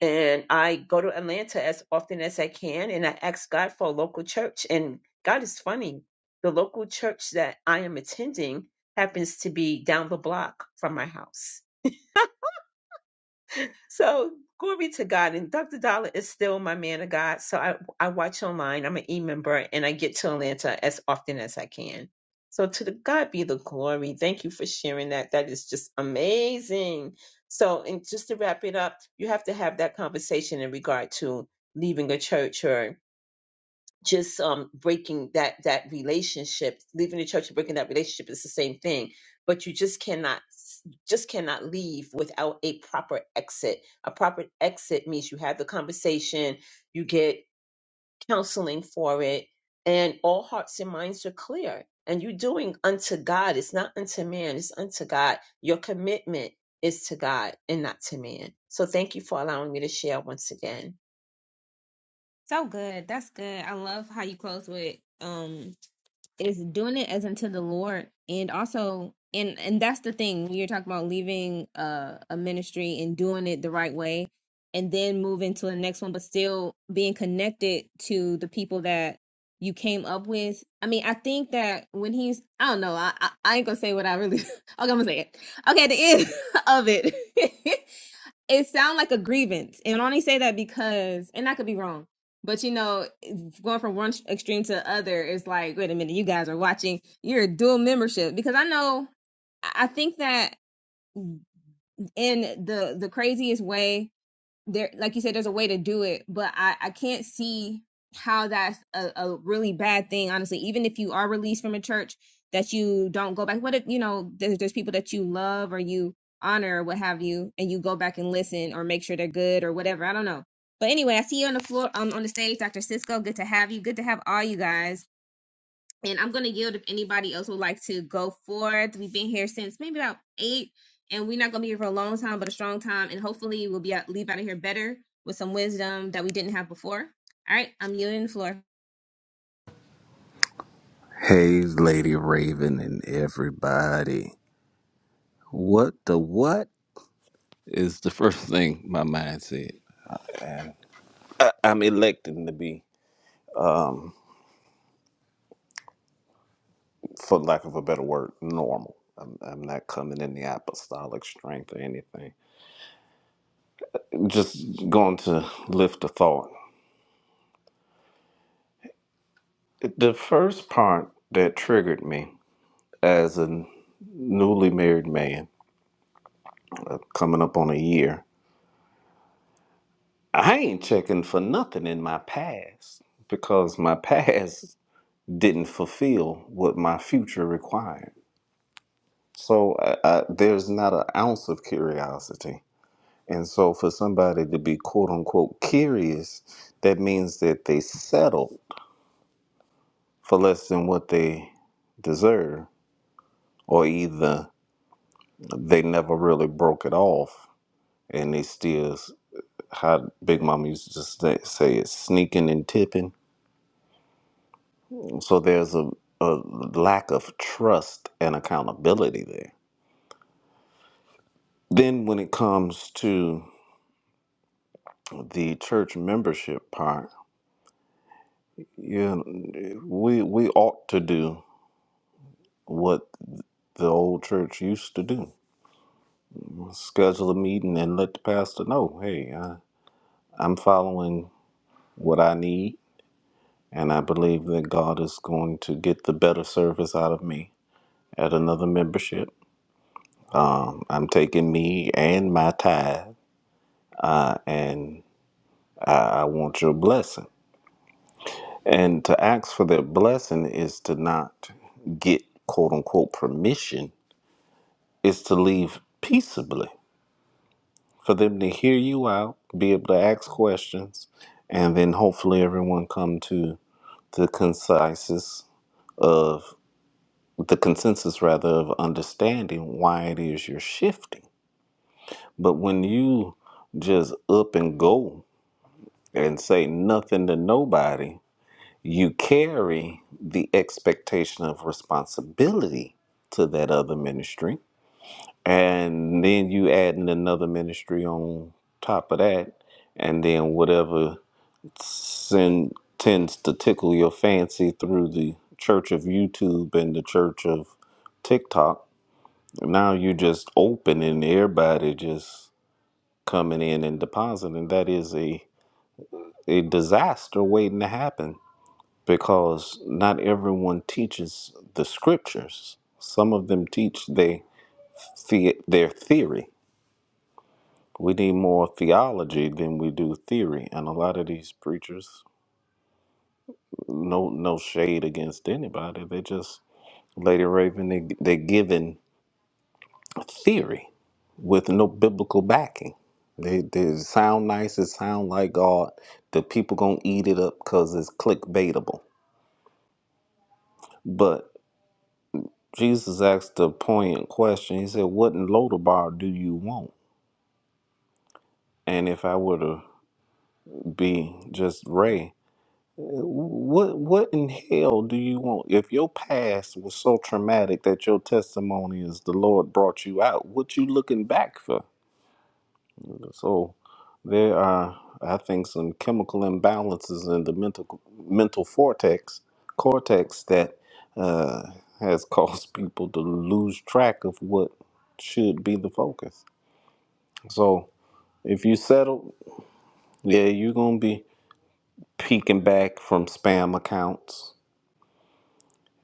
and I go to Atlanta as often as I can, and I ask God for a local church. And God is funny. The local church that I am attending happens to be down the block from my house. So glory to God. And Dr. Dollar is still my man of God. So I, I watch online. I'm an e member and I get to Atlanta as often as I can. So to the God be the glory. Thank you for sharing that. That is just amazing. So, and just to wrap it up, you have to have that conversation in regard to leaving a church or just um breaking that that relationship leaving the church and breaking that relationship is the same thing but you just cannot just cannot leave without a proper exit a proper exit means you have the conversation you get counseling for it and all hearts and minds are clear and you're doing unto god it's not unto man it's unto god your commitment is to god and not to man so thank you for allowing me to share once again
So good. That's good. I love how you close with um is doing it as unto the Lord, and also, and and that's the thing when you're talking about leaving uh, a ministry and doing it the right way, and then moving to the next one, but still being connected to the people that you came up with. I mean, I think that when he's, I don't know, I I, I ain't gonna say what I really. okay, I'm gonna say it. Okay, at the end of it, it sounds like a grievance and I only say that because and i could be wrong but you know going from one extreme to the other is like wait a minute you guys are watching you're a dual membership because i know I think that in the the craziest way there like you said there's a way to do it but i i can't see how that's a, a really bad thing honestly even if you are released from a church that you don't go back what if you know there's, there's people that you love or you honor or what have you and you go back and listen or make sure they're good or whatever i don't know but anyway i see you on the floor um, on the stage dr cisco good to have you good to have all you guys and I'm gonna yield if anybody else would like to go forth. We've been here since maybe about eight, and we're not gonna be here for a long time, but a strong time, and hopefully we'll be out, leave out of here better with some wisdom that we didn't have before. All right, I'm yielding the floor.
Hey, Lady Raven and everybody. What the what is the first thing my mind said? I- I'm electing to be, for lack of a better word, normal. I'm, I'm not coming in the apostolic strength or anything. Just going to lift a thought. The first part that triggered me as a newly married man, coming up on a year, I ain't checking for nothing in my past because my past didn't fulfill what my future required. So I, I, there's not an ounce of curiosity. And so for somebody to be quote unquote curious, that means that they settled for less than what they deserve, or either they never really broke it off and they still, s- how Big Mama used to say, say it, sneaking and tipping. So there's a, a lack of trust and accountability there. Then when it comes to the church membership part, yeah, we we ought to do what the old church used to do: schedule a meeting and let the pastor know, hey, I, I'm following what I need, and I believe that God is going to get the better service out of me at another membership. Um, I'm taking me and my tithe, uh, and I, I want your blessing. And to ask for that blessing is to not get quote unquote permission is to leave peaceably for them to hear you out, be able to ask questions, and then hopefully everyone come to the concisus of the consensus rather of understanding why it is you're shifting. But when you just up and go and say nothing to nobody, you carry the expectation of responsibility to that other ministry and then you adding another ministry on top of that and then whatever sin tends to tickle your fancy through the church of youtube and the church of tiktok now you just open and everybody just coming in and depositing that is a a disaster waiting to happen because not everyone teaches the scriptures some of them teach they, their theory We need more theology than we do theory, and a lot of these preachers, no no shade against anybody, they just Lady Raven, they they giving theory with no biblical backing. They they sound nice, it sound like God. The people gonna eat it up because it's clickbaitable. But Jesus asked a poignant question. He said, "What in Lodabar do you want?" And if I were to be just Ray, What what in hell do you want? If your past was so traumatic that your testimony is the Lord brought you out, what you looking back for? So there are I think some chemical imbalances in the mental mental cortex cortex that uh, has caused people to lose track of what should be the focus. So if you settle, yeah, you're gonna be peeking back from spam accounts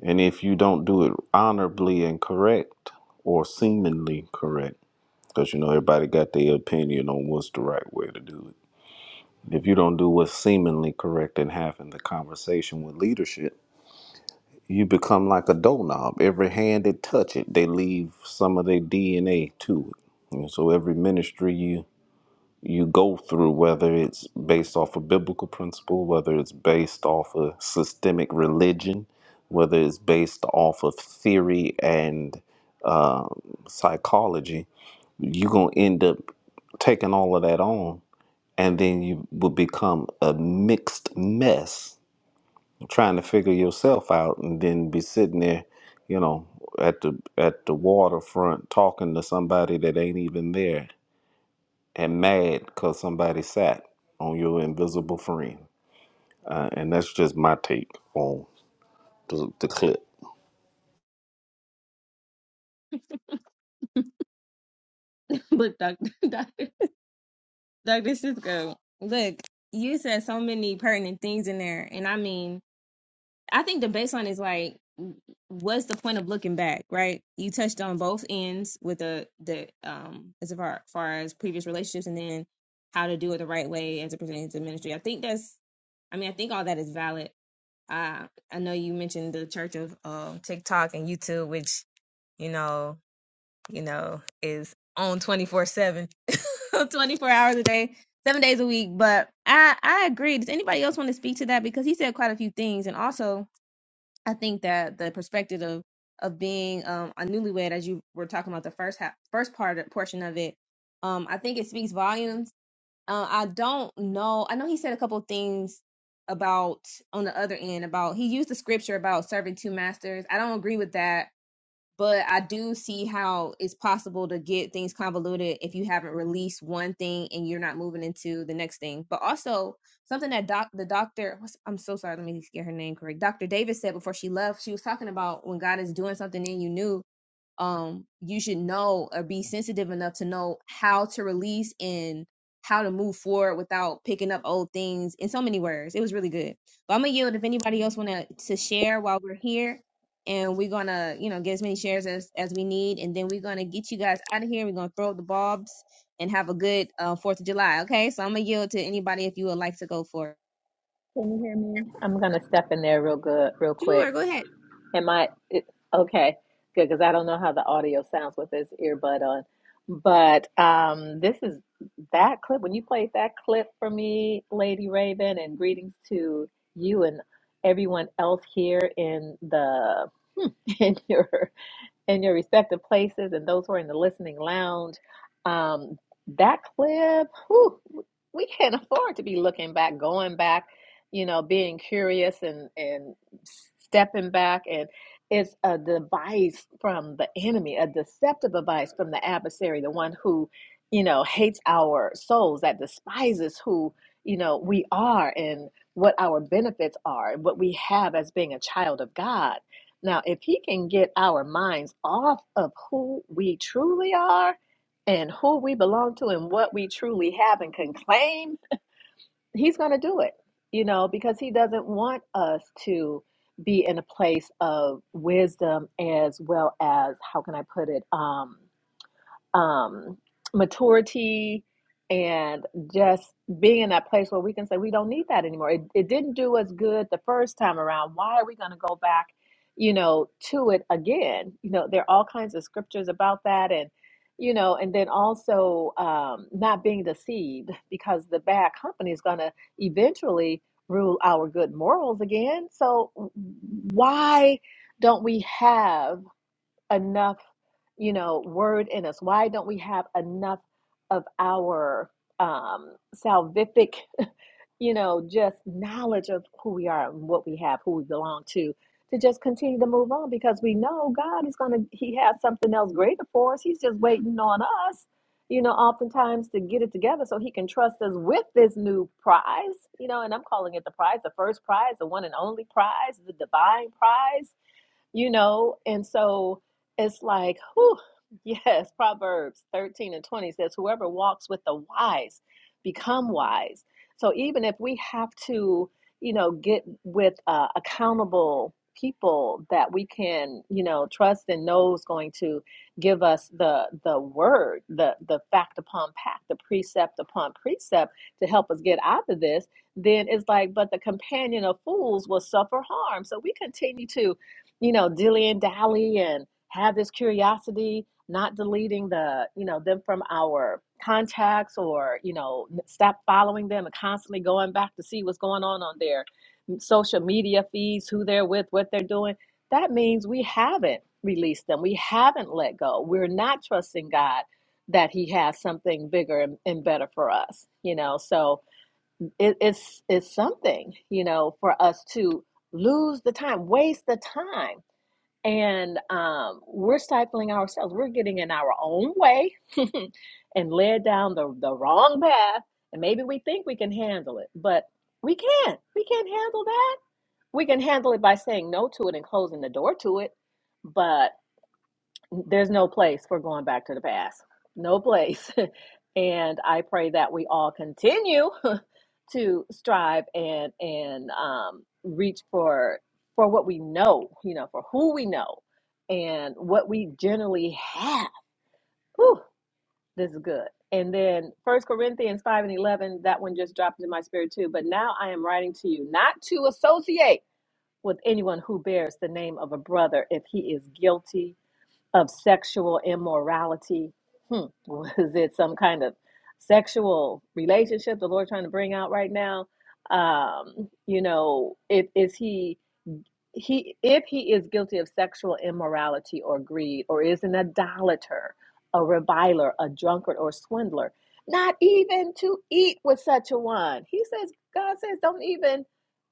And if you don't do it honorably and correct or seemingly correct, because you know everybody got their opinion on what's the right way to do it. If you don't do what's seemingly correct and having the conversation with leadership, you become like a doorknob. Every hand that touch it, they leave some of their DNA to it. And so every ministry you you go through, whether it's based off a biblical principle, whether it's based off a systemic religion, whether it's based off of theory and um, psychology, you're going to end up taking all of that on. And then you will become a mixed mess trying to figure yourself out and then be sitting there, you know, at the at the waterfront talking to somebody that ain't even there and mad because somebody sat on your invisible friend. Uh, and that's just my take on the, the clip.
Look, Doctor, Doctor, Doctor Cisco, look, you said so many pertinent things in there, and I mean. I think the baseline is like, what's the point of looking back, right? You touched on both ends with the the um as far, far as previous relationships, and then how to do it the right way as it pertains to ministry. I think that's, I mean, I think all that is valid. I I know you mentioned the church of um TikTok and YouTube, which you know, you know, is on twenty four seven, twenty four hours a day. Seven days a week, but I I agree. Does anybody else want to speak to that? Because he said quite a few things, and also I think that the perspective of of being um, a newlywed, as you were talking about the first half, first part portion of it, um, I think it speaks volumes. Uh, I don't know. I know he said a couple of things about on the other end about he used the scripture about serving two masters. I don't agree with that but I do see how it's possible to get things convoluted if you haven't released one thing and you're not moving into the next thing. But also something that doc the doctor what's, I'm so sorry, let me get her name correct. Dr. Davis said before she left, she was talking about when God is doing something in you new um you should know or be sensitive enough to know how to release and how to move forward without picking up old things in so many words it was really good but i'm gonna yield if anybody else want to to share while we're here and we're gonna you know get as many shares as as we need and then we're gonna get you guys out of here we're gonna throw up the bulbs and have a good uh fourth of july okay so i'm gonna yield to anybody if you would like to go for it
Can you hear me? I'm gonna step in there real good, real quick.
sure go ahead
Am I it, okay? Good, because I don't know how the audio sounds with this earbud on. But um, this is that clip. When you played that clip for me, Lady Raven, and greetings to you and everyone else here in the in your in your respective places and those who are in the listening lounge. Um, that clip, whew, we can't afford to be looking back, going back, you know, being curious and, and stepping back. And it's a device from the enemy, a deceptive device from the adversary, the one who, you know, hates our souls, that despises who, you know, we are and what our benefits are, and what we have as being a child of God now, if he can get our minds off of who we truly are and who we belong to and what we truly have and can claim, he's going to do it, you know, because he doesn't want us to be in a place of wisdom as well as, how can I put it, um, um, maturity and just being in that place where we can say we don't need that anymore. It, it didn't do us good the first time around. Why are we going to go back, you know, to it again? You know, there are all kinds of scriptures about that, and you know, and then also um, not being deceived because the bad company is going to eventually rule our good morals again. So why don't we have enough? you know, word in us? Why don't we have enough of our um, salvific, you know, just knowledge of who we are and what we have, who we belong to, to just continue to move on? Because we know God is going to, He has something else greater for us. He's just waiting on us, you know, oftentimes to get it together so He can trust us with this new prize, you know, and I'm calling it the prize, the first prize, the one and only prize, the divine prize you know? And so it's like, whew, yes, Proverbs 13 and 20 says, whoever walks with the wise become wise. So even if we have to, you know, get with uh, accountable people that we can, you know, trust and know is going to give us the the word, the the fact upon fact, the precept upon precept to help us get out of this, then it's like, but the companion of fools will suffer harm. So we continue to you know, dilly and dally and have this curiosity, not deleting the, you know, them from our contacts or, you know, stop following them and constantly going back to see what's going on on their social media feeds, who they're with, what they're doing. That means we haven't released them. We haven't let go. We're not trusting God that he has something bigger and, and better for us, you know? So it, it's, it's something, you know, for us to lose the time, waste the time and um, we're stifling ourselves. We're getting in our own way and led down the, the wrong path. And maybe we think we can handle it, but we can't. We can't handle that. We can handle it by saying no to it and closing the door to it, but there's no place for going back to the past. No place. and I pray that we all continue to strive and and um, reach for for what we know, you know, for who we know, and what we generally have. Whew, this is good. And then First Corinthians five and eleven, that one just dropped into my spirit too. But now I am writing to you not to associate with anyone who bears the name of a brother if he is guilty of sexual immorality. Hmm, was it some kind of sexual relationship the Lord trying to bring out right now? Um, you know, it, is he he if he is guilty of sexual immorality or greed or is an idolater a reviler a drunkard or swindler not even to eat with such a one he says god says don't even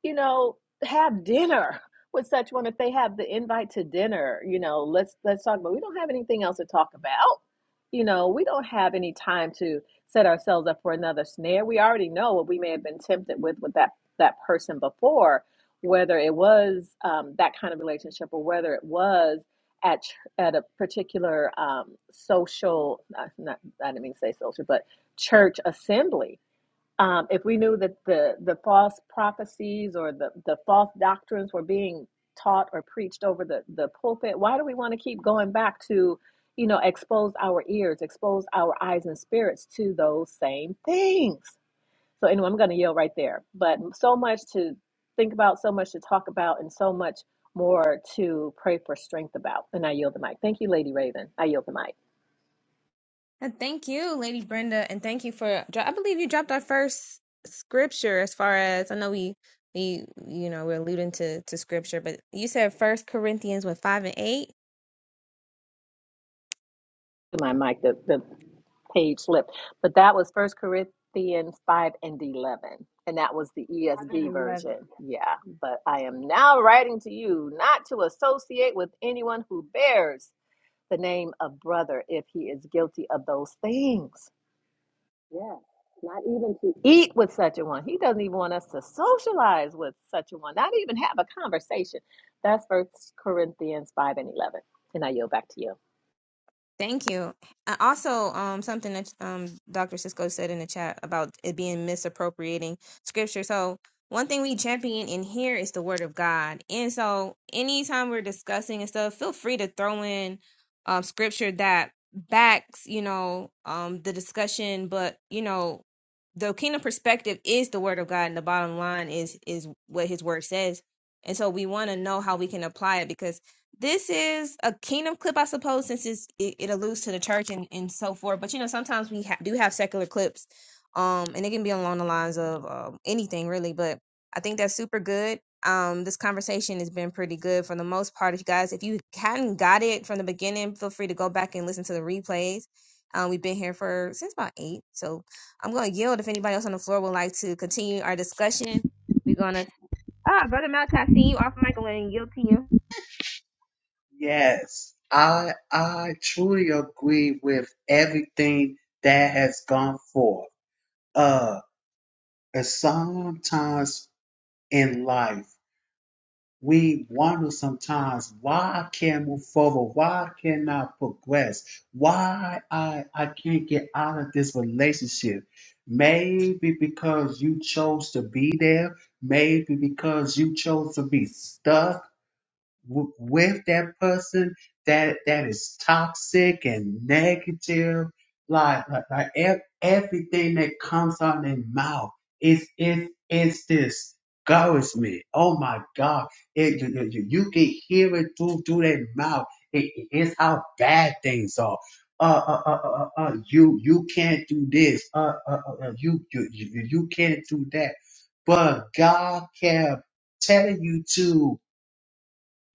you know have dinner with such one if they have the invite to dinner you know let's let's talk about we don't have anything else to talk about you know we don't have any time to set ourselves up for another snare we already know what we may have been tempted with with that that person before whether it was um, that kind of relationship or whether it was at ch- at a particular um, social not, not I didn't mean to say social but church assembly. Um, if we knew that the the false prophecies or the the false doctrines were being taught or preached over the the pulpit, why do we want to keep going back to you know expose our ears, expose our eyes and spirits to those same things? So anyway, I'm going to yield right there. But so much to think about, so much to talk about, and so much more to pray for strength about. And I yield the mic. Thank you, Lady Raven. I yield the mic.
And thank you, Lady Brenda, and thank you for. dro- I believe you dropped our first scripture. As far as I know, we we you know we're alluding to to scripture, but you said First Corinthians with five and eight.
My mic, the, the page slipped. But that was First Corinthians 5 and 11. And that was the
5 and
ESV
11.
version. Yeah. But I am now writing to you not to associate with anyone who bears the name of brother if he is guilty of those things. even to eat with such a one. He doesn't even want us to socialize with such a one, not even have a conversation. That's First Corinthians 5 and 11. And I yield back to you.
Thank you. And also, um, something that um Dr. Cisco said in the chat about it being misappropriating scripture. So one thing we champion in here is the word of God. And so anytime we're discussing and stuff, feel free to throw in um scripture that backs, you know, um the discussion, but you know, the kingdom perspective is the word of God and the bottom line is is what his word says. And so we want to know how we can apply it because this is a kingdom clip, I suppose, since it's, it, it alludes to the church and, and so forth. But you know, sometimes we ha- do have secular clips, um, and it can be along the lines of um, anything really. But I think that's super good. Um, this conversation has been pretty good for the most part. If you guys, if you hadn't got it from the beginning, feel free to go back and listen to the replays. Um, we've been here for since about eight, so I'm going to yield. If anybody else on the floor would like to continue our discussion, we're going to. Ah, brother Malachi, I see you off mic. I'm going to yield to you.
Yes, I I truly agree with everything that has gone forth. Uh and sometimes in life. we wonder sometimes why can't I move forward why can't i progress why i i can't get out of this relationship maybe because you chose to be there maybe because you chose to be stuck w- with that person that that is toxic and negative like like, like ev- everything that comes out of their mouth is is is this discouragement oh my god it, you, you, you you can hear it through through their mouth it, it- it's how bad things are uh, uh, uh, uh, uh, uh, you you can't do this. Uh, uh, uh, uh, you, you you you can't do that. But God kept telling you to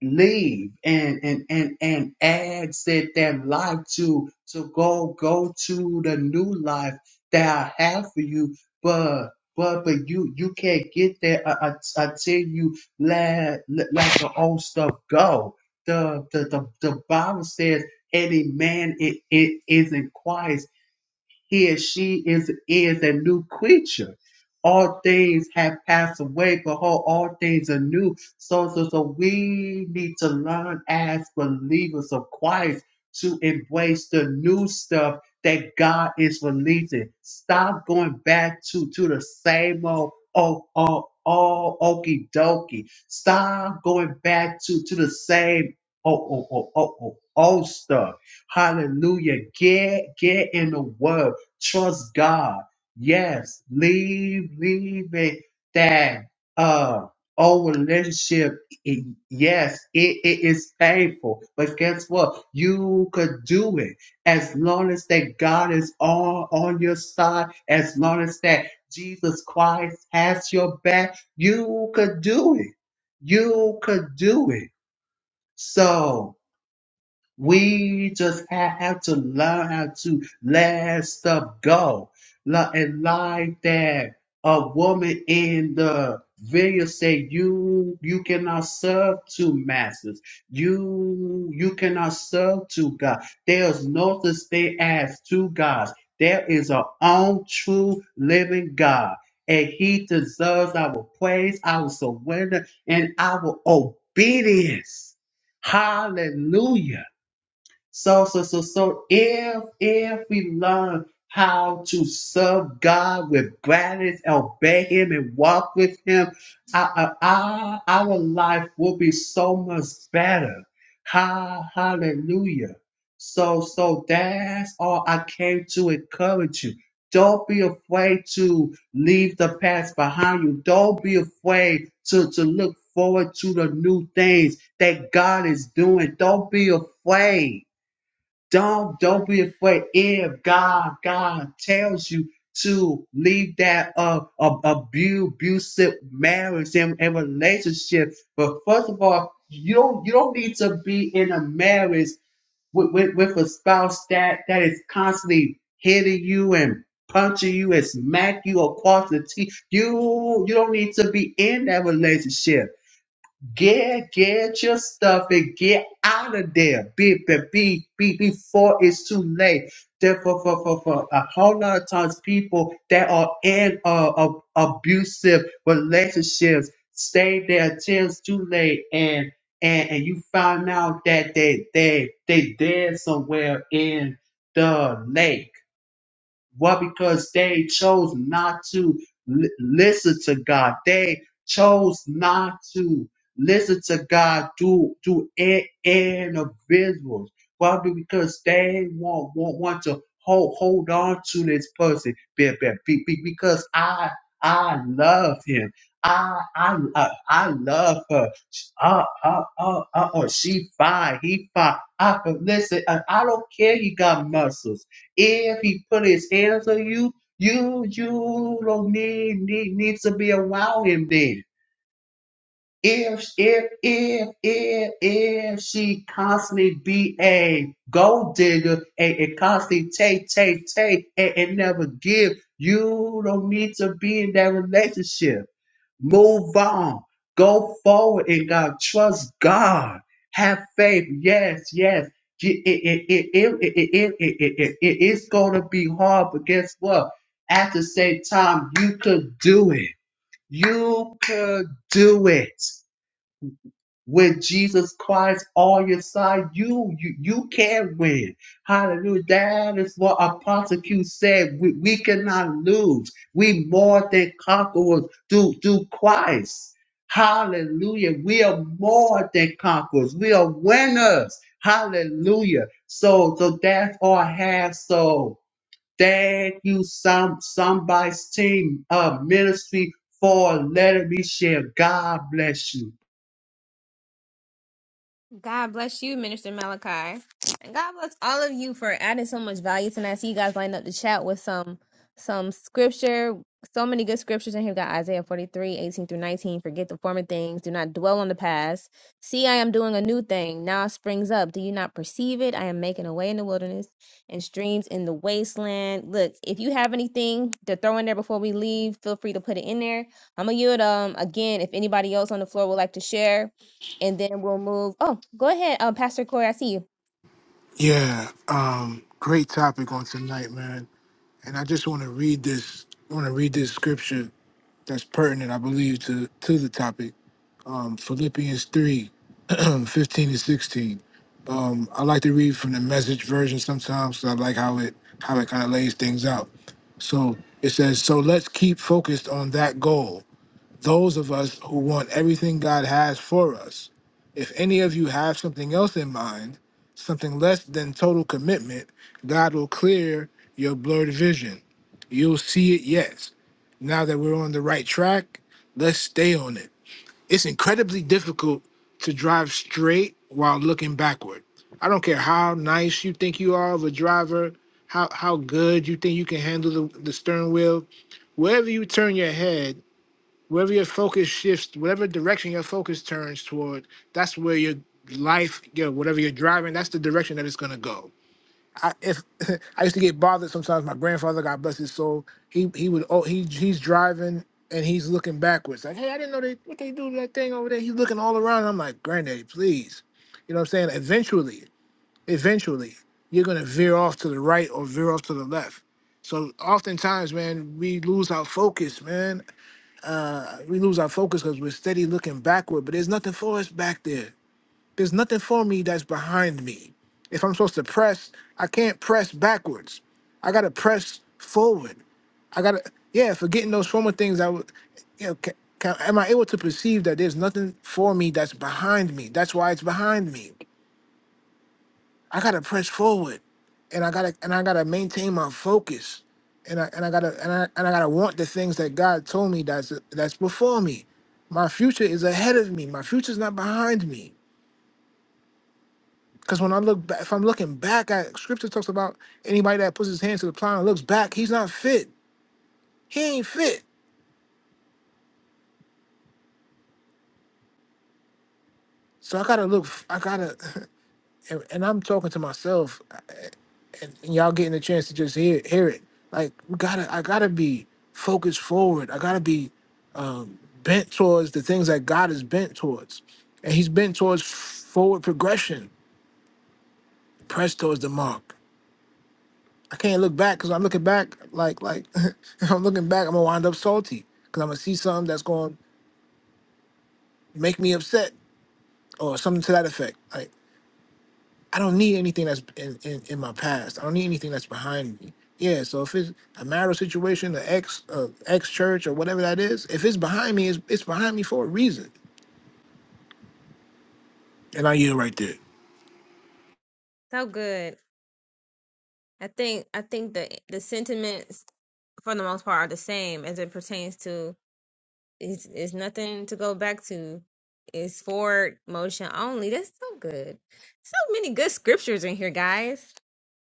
leave and and and and add said that life to to go go to the new life that I have for you, but but but you you can't get there uh, uh, until you let, let let the old stuff go. The the the, the Bible says any man it, it isn't he and she is is a new creature. All things have passed away, behold, all things are new. So, so, so we need to learn as believers of Christ to embrace the new stuff that God is releasing. Stop going back to, to the same old, oh, oh, oh, okie dokie. Stop going back to, to the same, oh, oh, oh, oh, oh, old stuff. Hallelujah. Get, get in the word. Trust God. Yes, leave, leave it that uh our relationship. i- yes, it, it is painful, but guess what? You could do it as long as that God is all on your side. As long as that Jesus Christ has your back, you could do it. You could do it. So. We just have to learn how to let stuff go. Li- And like that, a woman in the video said, "You you cannot serve two masters. You you cannot serve two gods. There's no such thing as two gods. There is our own true living God, and He deserves our praise, our surrender, and our obedience." Hallelujah. So, so, so, so if if we learn how to serve God with gladness, obey Him, and walk with Him, our, our, our life will be so much better. Ha, hallelujah. So, so that's all I came to encourage you. Don't be afraid to leave the past behind you. Don't be afraid to, to look forward to the new things that God is doing. Don't be afraid. Don't don't be afraid. If God God tells you to leave that uh, uh abu- abusive marriage and, and relationship, but first of all, you don't you don't need to be in a marriage with, with, with a spouse that that is constantly hitting you and punching you and smack you across the teeth. You you don't need to be in that relationship. Get get your stuff and get out of there. Be, be, be, be before it's too late. There for, for, for, for a whole lot of times people that are in uh, ab- abusive relationships stay there till it's too late and and, and you find out that they they they dead somewhere in the lake why? Because they chose not to li- listen to God. They chose not to listen to God to to i- individuals. Why? Because they want want, want to hold hold on to this person be- be- be- be- because I I love him. I I I, I love her. Uh, uh, uh, uh, uh, she fine. He fine. I, but listen, I, I don't care. He got muscles. If he put his hands on you, you you don't need need needs to be around him then. If if if if if she constantly be a gold digger and, and constantly take take take and, and never give, you don't need to be in that relationship. Move on. Go forward in God. Trust God. Have faith. Yes, yes. It, it, it, it, it, it, it, it, it, it- it's going to be hard, but guess what? At the same time, you could do it. You could do it with Jesus Christ on your side, you you, you can win. Hallelujah. That is what Apostle Q said. We, we cannot lose. We more than conquerors through through Christ. Hallelujah. We are more than conquerors. We are winners. Hallelujah. So so that's all I have. So thank you, some somebody's team uh ministry for letting me share. God bless you.
God bless you, Minister Malachi. And God bless all of you for adding so much value tonight. I see you guys lined up to chat with some some scripture. So many good scriptures in here. We got Isaiah 43 18 through 19. Forget the former things. Do not dwell on the past. See, I am doing a new thing. Now it springs up. Do you not perceive it? I am making a way in the wilderness and streams in the wasteland. Look, if you have anything to throw in there before we leave, feel free to put it in there. I'm gonna yield um again if anybody else on the floor would like to share and then we'll move. Oh, go ahead, um, Pastor Corey. I see you.
Yeah. Um, great topic on tonight, man. And I just want to read this. Want to read this scripture that's pertinent, I believe, to to the topic. um, Philippians 3:15 15 to 16. Um, I like to read from the message version sometimes 'cause I like how it how it kind of lays things out. So it says, So let's keep focused on that goal. Those of us who want everything God has for us. If any of you have something else in mind, something less than total commitment, God will clear your blurred vision. You'll see it, yes. Now that we're on the right track, let's stay on it. It's incredibly difficult to drive straight while looking backward. I don't care how nice you think you are of a driver, how how good you think you can handle the, the steering wheel. Wherever you turn your head, wherever your focus shifts, whatever direction your focus turns toward, that's where your life, your whatever you're driving, that's the direction that it's gonna go I if I used to get bothered sometimes. My grandfather, God bless his soul, he he would oh he he's driving and he's looking backwards like hey I didn't know they what they do to that thing over there. He's looking all around. I'm like granddaddy, please, you know what I'm saying? Eventually, eventually you're gonna veer off to the right or veer off to the left. So oftentimes, man, we lose our focus, man. Uh, We lose our focus because we're steady looking backward, but there's nothing for us back there there's nothing for me that's behind me. If I'm supposed to press, I can't press backwards. I gotta press forward. I gotta yeah. Forgetting those former things, I would you know. Can, can, am I able to perceive that there's nothing for me that's behind me? That's why it's behind me. I gotta press forward, and I gotta and I gotta maintain my focus, and I and I gotta and I and I gotta want the things that God told me that's that's before me. My future is ahead of me. My future's not behind me. Because when I look back, if I'm looking back at scripture talks about anybody that puts his hands to the plow and looks back, he's not fit. He ain't fit. So I gotta look. I I gotta, and, and I'm talking to myself, uh, and, and y'all getting a chance to just hear hear it. Like we gotta, I gotta be focused forward. I gotta be um, bent towards the things that God is bent towards, and He's bent towards forward progression, pressed towards the mark. I can't look back because I'm looking back like like if I'm looking back, I'm gonna wind up salty because I'm gonna see something that's gonna make me upset or something to that effect. Like I don't need anything that's in, in, in my past. I don't need anything that's behind me. Yeah, so if it's a marital situation, an ex uh, ex church or whatever that is, if it's behind me, it's, it's behind me for a reason. And I yield right there.
So good. I think I think the the sentiments for the most part are the same as it pertains to it's it's nothing to go back to. It's forward motion only. That's so good. So many good scriptures in here, guys.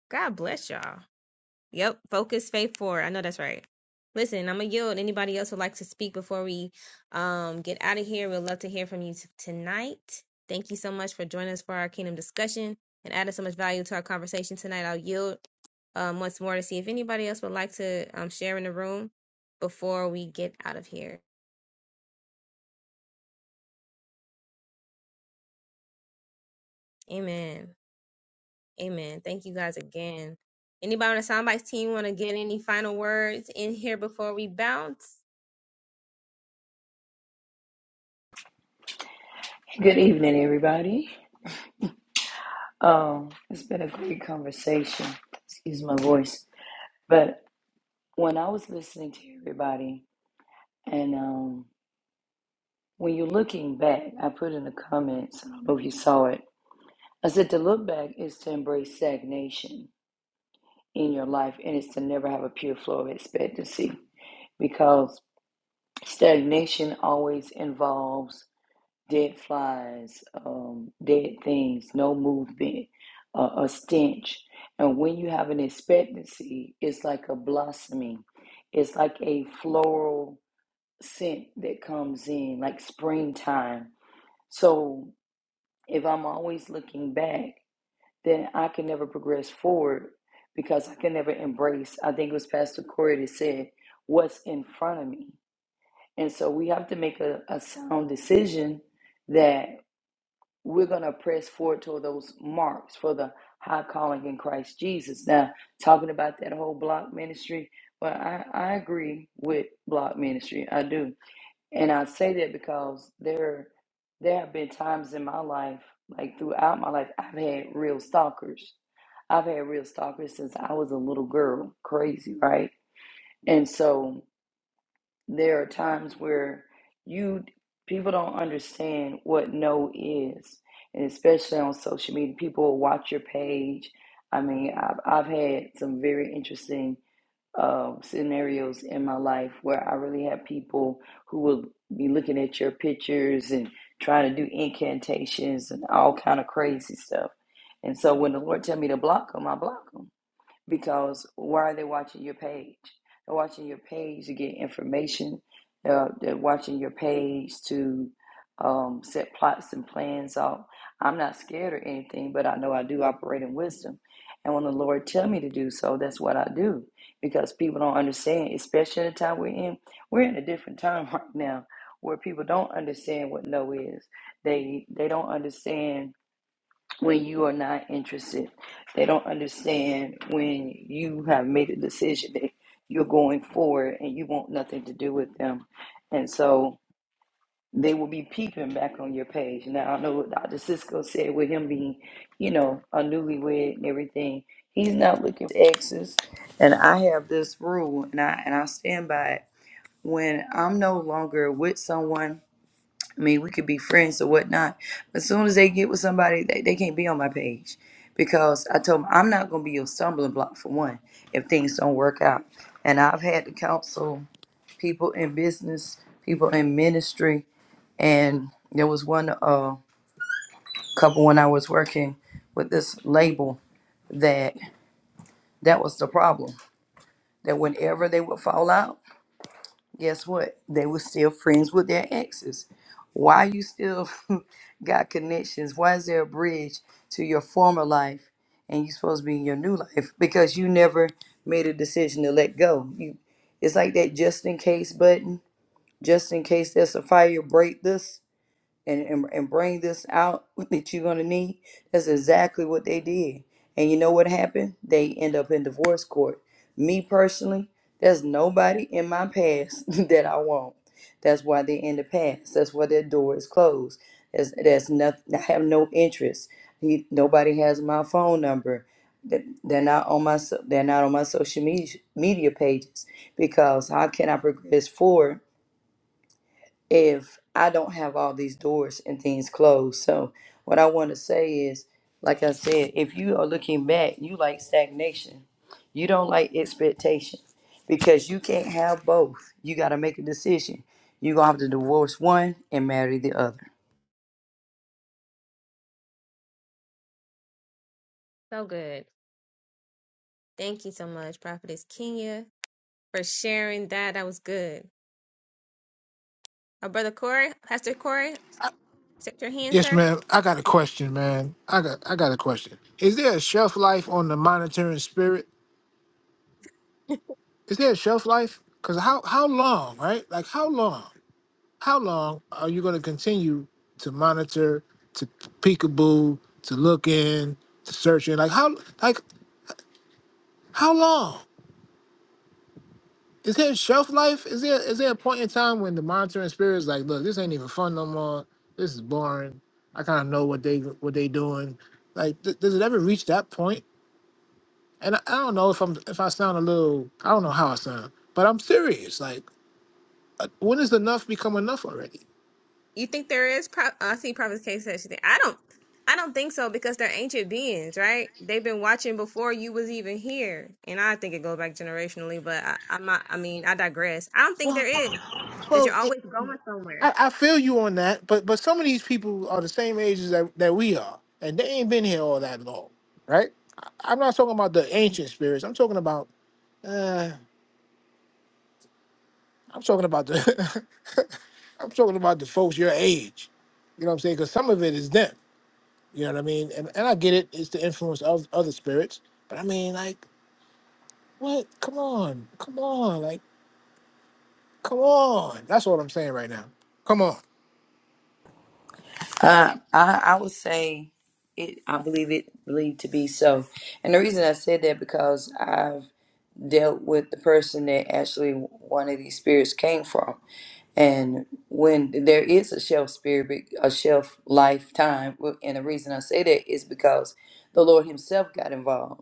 God bless y'all. Yep. Focus, faith forward. I know that's right. Listen, I'm gonna yield. Anybody else would like to speak before we um get out of here? We'd love to hear from you t- tonight. Thank you so much for joining us for our kingdom discussion and adding so much value to our conversation tonight. I'll yield um once more to see if anybody else would like to um share in the room before we get out of here. Amen. Amen. Thank you guys again. Anybody on the Soundbites team want to get any final words in here before we bounce?
Good evening, everybody. Um, it's been a great conversation. Excuse my voice, but when I was listening to everybody, and um, when you're looking back, I put in the comments. I don't know if you saw it. I said to look back is to embrace stagnation in your life, and it's to never have a pure flow of expectancy, because stagnation always involves dead flies, um, dead things, no movement, uh, a stench. And when you have an expectancy, it's like a blossoming, it's like a floral scent that comes in, like springtime. So if I'm always looking back, then I can never progress forward because I can never embrace. I think it was Pastor Corey that said, What's in front of me? And so we have to make a, a sound decision that we're going to press forward toward those marks for the high calling in Christ Jesus. Now, talking about that whole block ministry, well, I, I agree with block ministry. I do. And I say that because there, there have been times in my life, like throughout my life, I've had real stalkers. I've had real stalkers since I was a little girl. Crazy, right? And so there are times where you people don't understand what no is and especially on social media people will watch your page i mean i've, I've had some very interesting um, scenarios in my life where i really had people who will be looking at your pictures and trying to do incantations and all kind of crazy stuff and so when the lord tell me to block them i block them because why are they watching your page? They're watching your page to get information. Uh, they're watching your page to um, set plots and plans out. I'm not scared or anything, but I know I do operate in wisdom. And when the Lord tell me to do so, that's what I do. Because people don't understand, especially the time we're in. We're in a different time right now where people don't understand what no is. They they don't understand when you are not interested. They don't understand when you have made a decision that you're going forward and you want nothing to do with them. And so they will be peeping back on your page. Now, I know what Dr. Cisco said with him being, you know, a newlywed and everything. He's not looking for exes. And I have this rule and I, and I stand by it. When I'm no longer with someone I mean, we could be friends or whatnot. But as soon as they get with somebody, they, they can't be on my page because I told them I'm not going to be your stumbling block for one if things don't work out. And I've had to counsel people in business, people in ministry, and there was one uh, couple when I was working with this label that that was the problem. That whenever they would fall out, guess what? They were still friends with their exes. Why you still got connections? Why is there a bridge to your former life and you supposed to be in your new life? Because you never made a decision to let go. You it's like that just in case button. Just in case there's a fire, break this and, and, and bring this out that you're going to need. That's exactly what they did. And you know what happened? They end up in divorce court. Me personally, there's nobody in my past that I want. That's why they're in the past. That's why their door is closed. That's, that's nothing. I have no interest. He, nobody has my phone number. They- They're not on my so- they're not on my social media media pages because how can I progress forward if I don't have all these doors and things closed. So what I want to say is, like I said, if you are looking back, you like stagnation. You don't like expectation because you can't have both. You got to make a decision. You're going to have to divorce one and marry the other.
So good. Thank you so much, Prophetess Kenya, for sharing that. That was good. Our brother Corey, Pastor Corey, accept your hand,
Yes,
sir.
man. I got a question, man. I got I got a question. Is there a shelf life on the monitoring spirit? is there a shelf life? Because how how long, right? Like how long? How long are you going to continue to monitor, to peekaboo, to look in, to search in? Like how like how long? Is there a shelf life? Is there is there a point in time when the monitoring spirit is like, look, this ain't even fun no more. This is boring. I kind of know what they what they doing. Like, th- does it ever reach that point? And I, I don't know if I'm if I sound a little I don't know how I sound, but I'm serious. Like, uh, when does enough become enough already?
You think there is? Pro- uh, I see Prophetess K said she think I don't. I don't think so because they're ancient beings, right? They've been watching before you was even here, and I think it goes back generationally. But I, I'm not. I mean, I digress. I don't think there
Well,
is because
well,
you're
it-
always going somewhere.
I, I feel you on that, but but some of these people are the same ages that, that we are, and they ain't been here all that long, right? I, I'm not talking about the ancient spirits. I'm talking about uh, I'm talking about the I'm talking about the folks your age. You know what I'm saying? Because some of it is them. You know what I mean? And and I get it. It's the influence of other spirits, but I mean, like, what? Come on, come on, like, come on. That's what I'm saying right now. Come on,
Uh, I, I would say it, I believe it believed to be so. And the reason I said that because I've dealt with the person that actually one of these spirits came from. And when there is a shelf spirit, be- a shelf lifetime, w- and the reason I say that is because the Lord Himself got involved.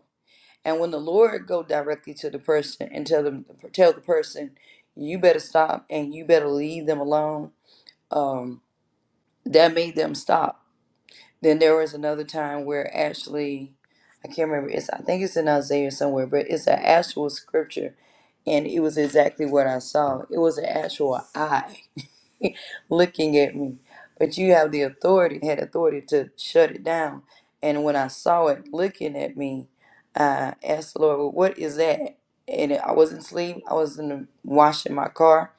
And when the Lord go directly to the person and tell them, tell the person, you better stop and you better leave them alone, um, that made them stop. Then there was another time where actually, I can't remember. It's I think it's in Isaiah somewhere, but it's an actual scripture, and it was exactly what I saw. It was an actual eye looking at me. But you have the authority, had authority to shut it down. And when I saw it looking at me, I asked the Lord, well, what is that? And I wasn't asleep. I was in the, washing my car.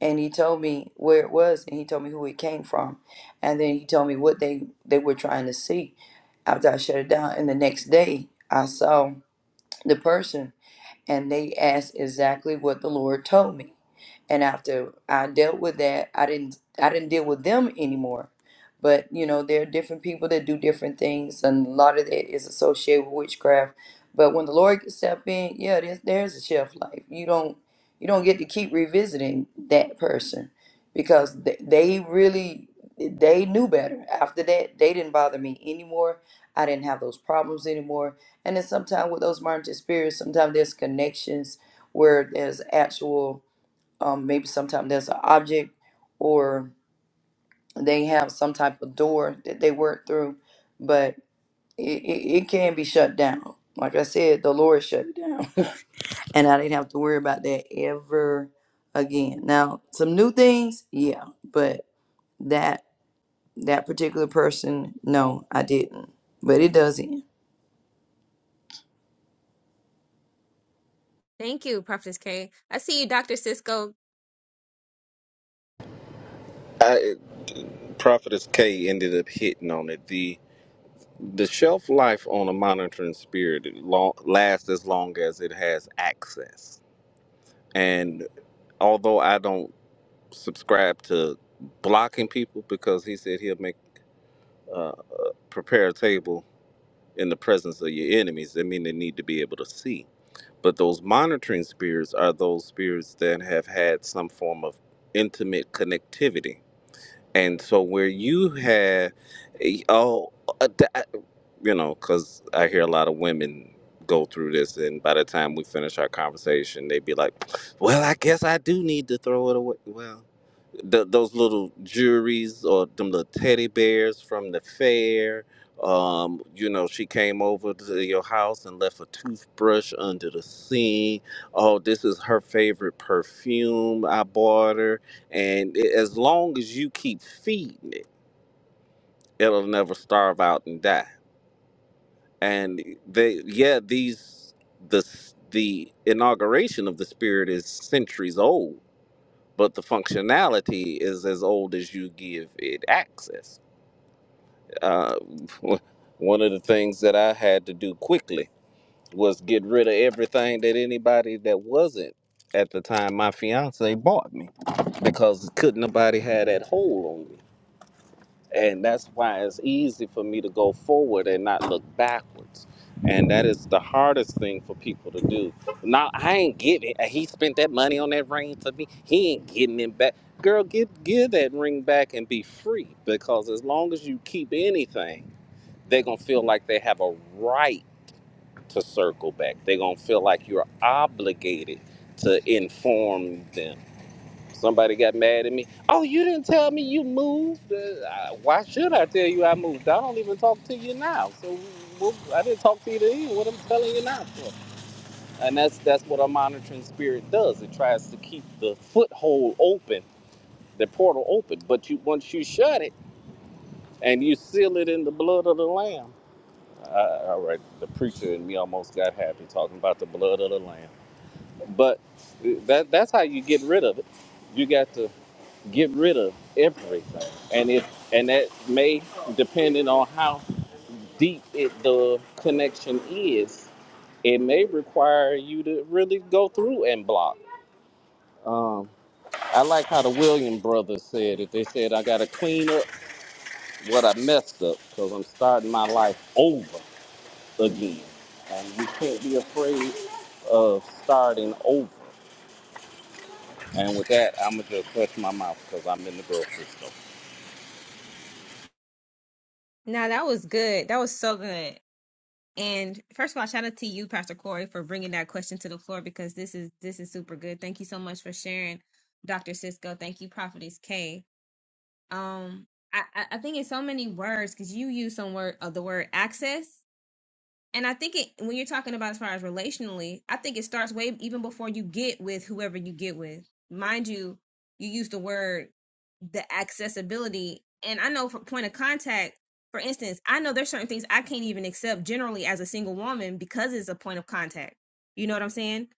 And he told me where it was and he told me who it came from. And then he told me what they, they were trying to see after I shut it down. And the next day, I saw the person and they asked exactly what the Lord told me. And after I dealt with that, I didn't I didn't deal with them anymore. But you know, there are different people that do different things, and a lot of that is associated with witchcraft. But when the Lord can step in, yeah, there's, there's a shelf life. You don't you don't get to keep revisiting that person because they, they really they knew better. After that, they didn't bother me anymore. I didn't have those problems anymore and then sometimes with those martyred spirits, sometimes there's connections where there's actual, um, maybe sometimes there's an object or they have some type of door that they work through, but it, it, it can be shut down. Like I said, the Lord shut it down. and I didn't have to worry about that ever again. Now, some new things, yeah, but that that particular person, no, I didn't. But it does end.
Thank you, Prophetess K. I see you, Doctor Cisco.
I, Prophetess K ended up hitting on it. The the shelf life on a monitoring spirit long, lasts as long as it has access. And although I don't subscribe to blocking people because he said he'll make uh, prepare a table in the presence of your enemies, that mean they need to be able to see. But those monitoring spirits are those spirits that have had some form of intimate connectivity. And so where you have, eh, oh, uh, that- uh, you know, because I hear a lot of women go through this, and by the time we finish our conversation, they'd be like, well, I guess I do need to throw it away. Well, th those little juries or them little teddy bears from the fair. Um, you know, she came over to your house and left a toothbrush under the sink. Oh, this is her favorite perfume I bought her. And i- as long as you keep feeding it, it'll never starve out and die. And they, yeah, these, the, the inauguration of the spirit is centuries old but the functionality is as old as you give it access. Uh, one of the things that I had to do quickly was get rid of everything that anybody that wasn't at the time my fiance bought me because couldn't nobody had that hold on me. And that's why it's easy for me to go forward and not look backwards. And that is the hardest thing for people to do. Now I ain't getting it. He spent that money on that ring to me. He ain't getting it back. Girl, give give that ring back and be free. Because as long as you keep anything, they're gonna feel like they have a right to circle back. They're gonna feel like you're obligated to inform them Somebody got mad at me. Oh, you didn't tell me you moved. Uh, I- why should I tell you I moved? I don't even talk to you now. So what, I didn't talk to you then. What I'm telling you now for? And that's that's what a monitoring spirit does. It tries to keep the foothold open, the portal open. But you once you shut it and you seal it in the blood of the lamb. Uh, all right, the preacher and me almost got happy talking about the blood of the lamb. But uh, that that's how you get rid of it. You got to get rid of everything. And if and that may depending on how deep it the connection is, it may require you to really go through and block. Um, I like how the William brothers said it. They said I gotta clean up what I messed up because I'm starting my life over again. And we can't be afraid of starting over. And with that, I'm gonna just touch my mouth because I'm in the grocery store.
Now that was good. That was so good. And first of all, shout out to you, Pastor Corey, for bringing that question to the floor because this is this is super good. Thank you so much for sharing, Doctor Cisco. Thank you, Prophetess K. Um, I I I think it's so many words because you use some word of the word access, and I think it when you're talking about as far as relationally, I think it starts way even before you get with whoever you get with. Mind you, you use the word the accessibility, and I know for point of contact, for instance, I know there's certain things I can't even accept generally as a single woman because it's a point of contact. You know what I'm saying?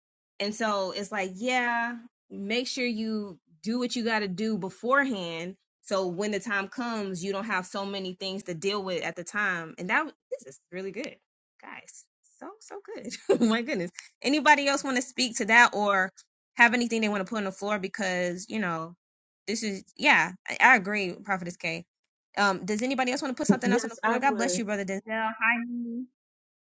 And so it's like, yeah, make sure you do what you got to do beforehand. So when the time comes, you don't have so many things to deal with at the time. And that this is really good guys so so good Oh my goodness anybody else want to speak to that or have anything they want to put on the floor because you know this is yeah i, I agree with prophetess k um does anybody else want to put something else on the
yes i
floor god bless
would
you brother denzel hi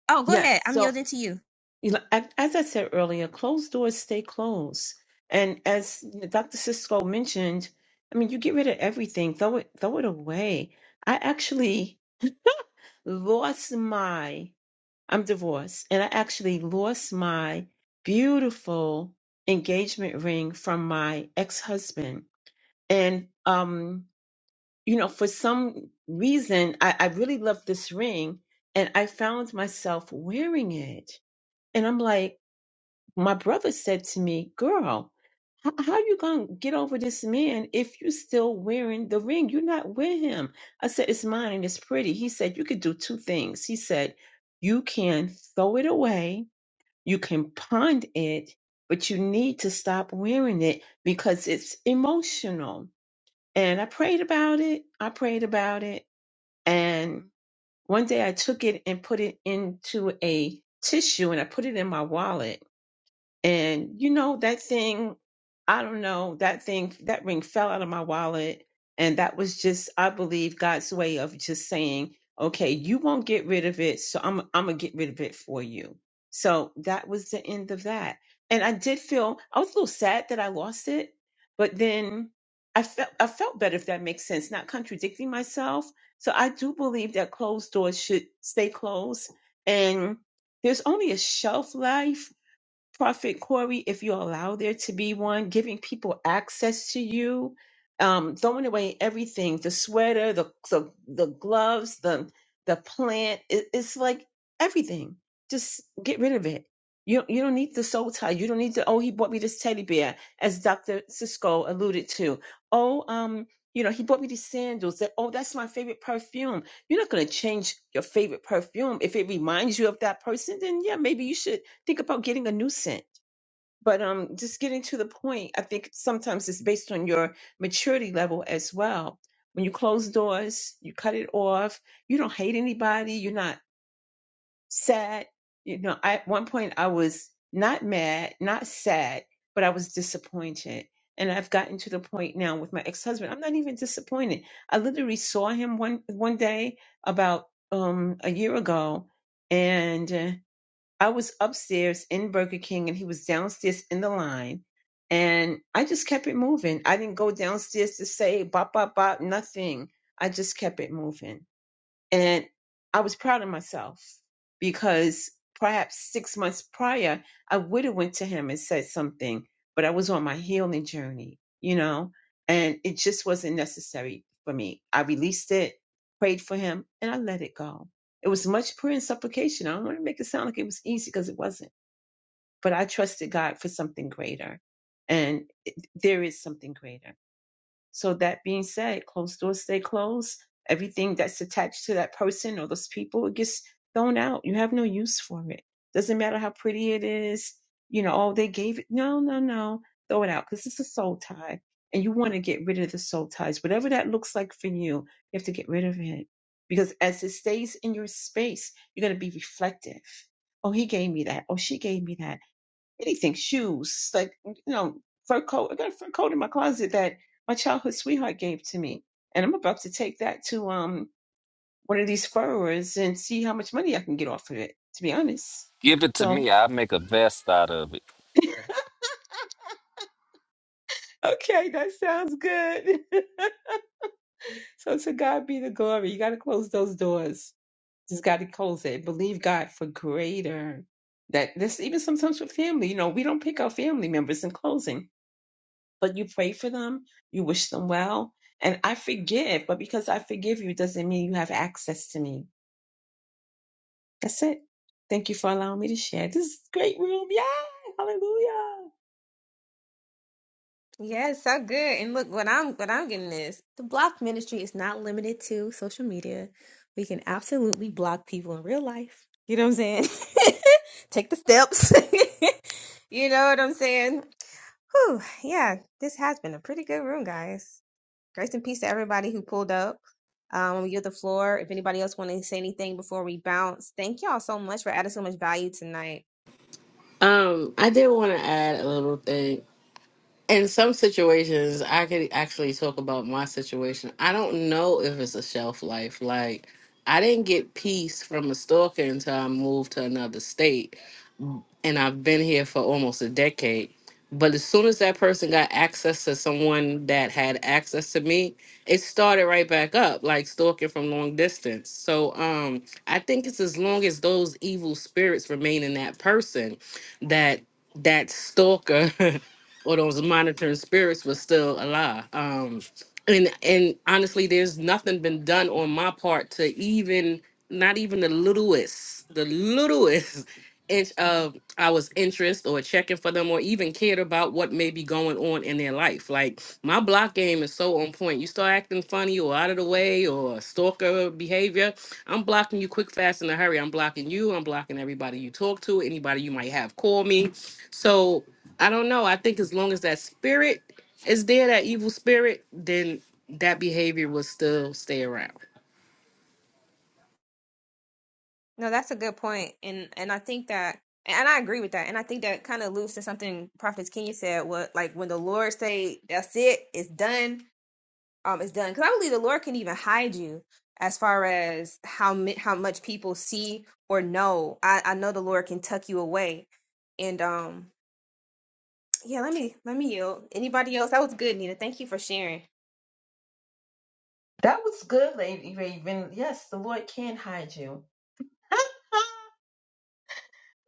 oh go
yes
ahead i'm
so.
yielding to you
you know, a- as I said earlier, closed doors stay closed. And as Dr. Cisco mentioned, I mean, you get rid of everything, throw it, throw it away. I actually lost my, I'm divorced, and I actually lost my beautiful engagement ring from my ex-husband. And, um, you know, for some reason, I, I really loved this ring and I found myself wearing it. And I'm like, my brother said to me, "Girl, how, how you gonna get over this man if you still wearing the ring? You're not with him." I said, "It's mine and it's pretty." He said, "You could do two things." He said, "You can throw it away, you can pawn it, but you need to stop wearing it because it's emotional." And I prayed about it. I prayed about it, and one day I took it and put it into a tissue, and I put it in my wallet and you know, that thing, I don't know, that thing, that ring fell out of my wallet. And that was just, I believe, God's way of just saying, okay, you won't get rid of it. So I'm, I'm going to get rid of it for you. So that was the end of that. And I did feel, I was a little sad that I lost it, but then I felt, I felt better, if that makes sense, not contradicting myself. So I do believe that closed doors should stay closed. And there's only a shelf life Prophet Corey, if you allow there to be one, giving people access to you, um, throwing away everything, the sweater, the the, the gloves, the the plant. It, it's like everything. Just get rid of it. You you don't need the soul tie. You don't need the oh he bought me this teddy bear, as Dr. Cisco alluded to. Oh, um, you know, he bought me these sandals that oh that's my favorite perfume. You're not gonna change your favorite perfume. If it reminds you of that person, then yeah, maybe you should think about getting a new scent. But um, just getting to the point, I think sometimes it's based on your maturity level as well. When you close doors, you cut it off. You don't hate anybody. You're not sad. You know, I, at one point I was not mad, not sad, but I was disappointed. And I've gotten to the point now with my ex-husband. I'm not even disappointed. I literally saw him one one day about um a year ago, and. uh, I was upstairs in Burger King and he was downstairs in the line. And I just kept it moving. I didn't go downstairs to say bop, bop, bop, nothing. I just kept it moving. And I was proud of myself because perhaps six months prior, I would have went to him and said something, but I was on my healing journey, you know, and it just wasn't necessary for me. I released it, prayed for him, and I let it go. It was much prayer and supplication. I don't want to make it sound like it was easy because it wasn't, but I trusted God for something greater. And it- there is something greater. So that being said, closed doors stay closed. Everything that's attached to that person or those people, it gets thrown out. You have no use for it. Doesn't matter how pretty it is. You know, oh, they gave it. No, no, no. Throw it out because it's a soul tie. And you want to get rid of the soul ties. Whatever that looks like for you, you have to get rid of it. Because as it stays in your space, you're going to be reflective. Oh, he gave me that. Oh, she gave me that anything, shoes, like you know, fur coat. I got a fur coat in my closet that my childhood sweetheart gave to me, and I'm about to take that to um one of these furrowers and see how much money I can get off of it. To be honest,
Give it to
so
me. I'll make a vest out of it.
okay, that sounds good. so to God be the glory. You got to close those doors. Just got to close it. Believe God for greater. That this even sometimes with family, you know, we don't pick our family members in closing but you pray for them, you wish them well, and I forgive. But because I forgive you doesn't mean you have access to me. That's it. Thank you for allowing me to share. This is a great room. Yeah. Hallelujah.
Yes, so good. And look, what I'm what I'm getting is the block ministry is not limited to social media. We can absolutely block people in real life. You know what I'm saying? Take the steps. You know what I'm saying? Whew, yeah, this has been a pretty good room, guys. Grace and peace to everybody who pulled up. Um, you have the floor. If anybody else want to say anything before we bounce, thank y'all so much for adding so much value tonight.
Um, I did want to add a little thing. In some situations, I could actually talk about my situation. I don't know if it's a shelf life. Like, I didn't get peace from a stalker until I moved to another state and I've been here for almost a decade. But as soon as that person got access to someone that had access to me, it started right back up, like stalking from long distance. So um, I think it's as long as those evil spirits remain in that person, that that stalker or those monitoring spirits was still alive. Um, and and honestly, there's nothing been done on my part to even not even the littlest, the littlest in, uh, I was interest or checking for them or even cared about what may be going on in their life. Like my block game is so on point. You start acting funny or out of the way or stalker behavior, I'm blocking you quick, fast, in a hurry. I'm blocking you. I'm blocking everybody you talk to, anybody you might have call me. So I don't know. I think as long as that spirit is there, that evil spirit, then that behavior will still stay around.
No, that's a good point, and and I think that, and I agree with that, and I think that kind of loops to something Prophet Kenya said. What like when the Lord say, "That's it, it's done," um, it's done. Because I believe the Lord can even hide you as far as how mi- how much people see or know. I I know the Lord can tuck you away, and um, yeah. Let me let me yield. Anybody else? That was good, Nina. Thank you for sharing.
That was good, Lady Raven. Yes, the Lord can hide you.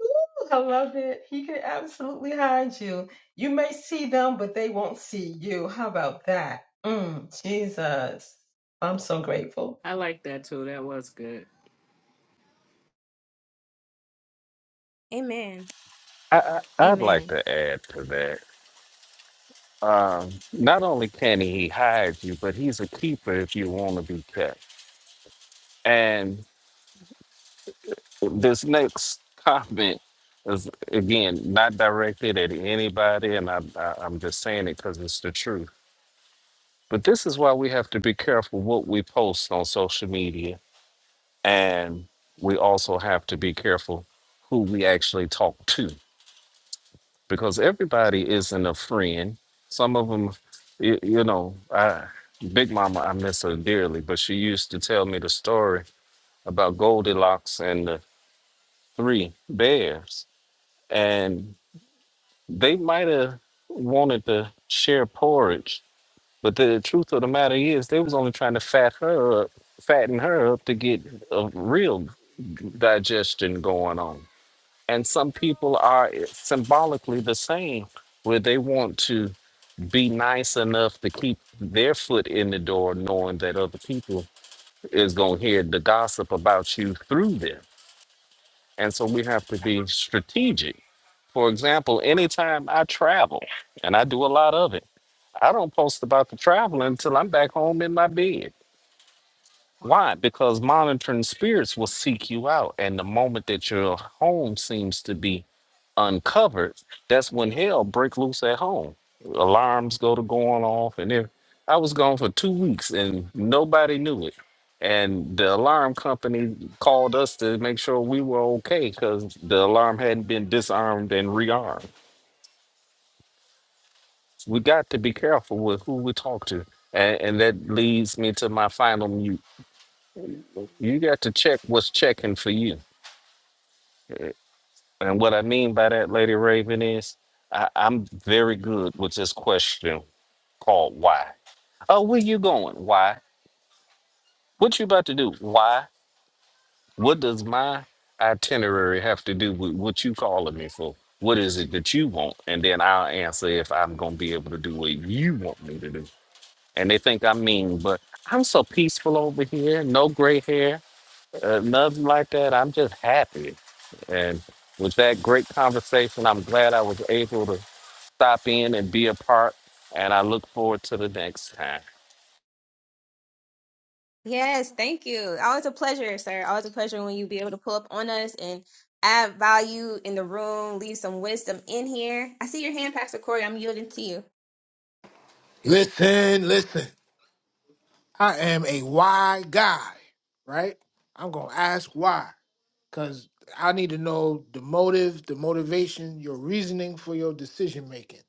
Ooh, I love it. He can absolutely hide you. You may see them, but they won't see you. How about that? Mm, Jesus. I'm so grateful.
I like that too. That was good.
Amen.
I, I I'd like
Amen.
to add to that. Um, not only can he hide you, but he's a keeper if you want to be kept. And this next comment is again not directed at anybody, and I, I, I'm just saying it because it's the truth. But this is why we have to be careful what we post on social media, and we also have to be careful who we actually talk to because everybody isn't a friend. Some of them, you, you know, I, Big Mama, I miss her dearly, but she used to tell me the story about Goldilocks and the three bears. And they might have wanted to share porridge, but the truth of the matter is they was only trying to fat her up, fatten her up to get a real digestion going on. And some people are eh, symbolically the same, where they want to be nice enough to keep their foot in the door, knowing that other people is going to hear the gossip about you through them. And so we have to be strategic. For example, anytime I travel, and I do a lot of it, I don't post about the travel until I'm back home in my bed. Why? Because monitoring spirits will seek you out. And the moment that your home seems to be uncovered, that's when hell break loose at home. Alarms go to going off, and if I was gone for two weeks and nobody knew it, and the alarm company called us to make sure we were okay because the alarm hadn't been disarmed and rearmed. We got to be careful with who we talk to, and, and that leads me to my final mute. You got to check what's checking for you, and what I mean by that, Lady Raven, is I, I'm very good with this question. called Why. Oh, where you going? Why? What you about to do? Why? What does my itinerary have to do with what you calling me for? What is it that you want? And then I'll answer if I'm gonna be able to do what you want me to do. And they think I'm mean, but I'm so peaceful over here. No gray hair, uh, nothing like that. I'm just happy. And with that great conversation, I'm glad I was able to stop in and be a part. And I look forward to the next time.
Yes, thank you. Always a pleasure, sir. Always a pleasure when you be able to pull up on us and add value in the room, leave some wisdom in here. I see your hand, Pastor Corey. I'm yielding to you.
listen, listen. I am a why guy, right? I'm gonna ask why, cause I need to know the motive, the motivation, your reasoning for your decision making.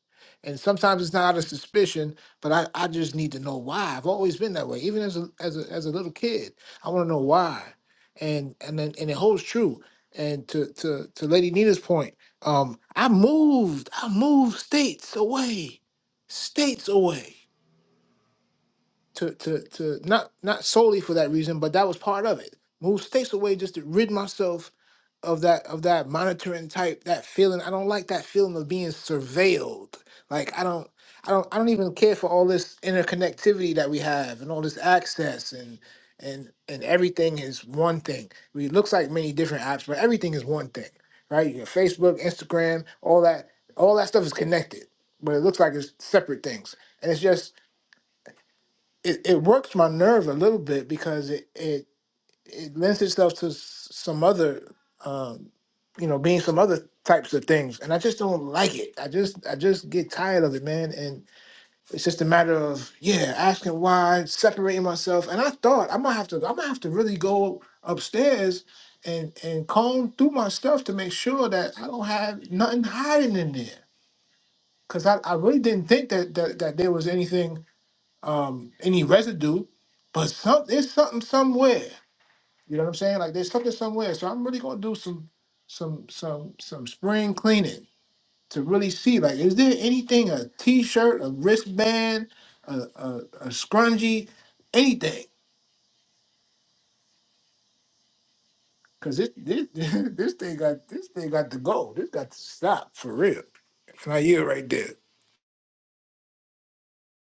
And sometimes it's not out of suspicion, but I, I just need to know why. I've always been that way, even as a as a as a little kid. I want to know why, and and then and it holds true. And to to to Lady Nina's point, um, I moved, I moved states away, states away to to to not not solely for that reason, but that was part of it. Move states away just to rid myself of that of that monitoring type that feeling. I don't like that feeling of being surveilled. Like I don't I don't I don't even care for all this interconnectivity that we have and all this access and and and everything is one thing. I mean, it looks like many different apps, but everything is one thing, right? Your Facebook, Instagram, all that all that stuff is connected, but it looks like it's separate things. And it's just it, it works my nerve a little bit because it it, it lends itself to s- some other um, you know being some other types of things and i just don't like it i just i just get tired of it man and it's just a matter of yeah asking why separating myself and i thought i'm gonna have to i'm gonna have to really go upstairs and and comb through my stuff to make sure that i don't have nothing hiding in there because I, I really didn't think that, that that there was anything um, any residue, but some there's something somewhere. You know what I'm saying? Like there's something somewhere. So I'm really gonna do some some some some spring cleaning to really see like is there anything a t-shirt, a wristband, a a, a scrunchie, anything? Cause this this this thing got this thing got to go. This got to stop for real. It's my year right there.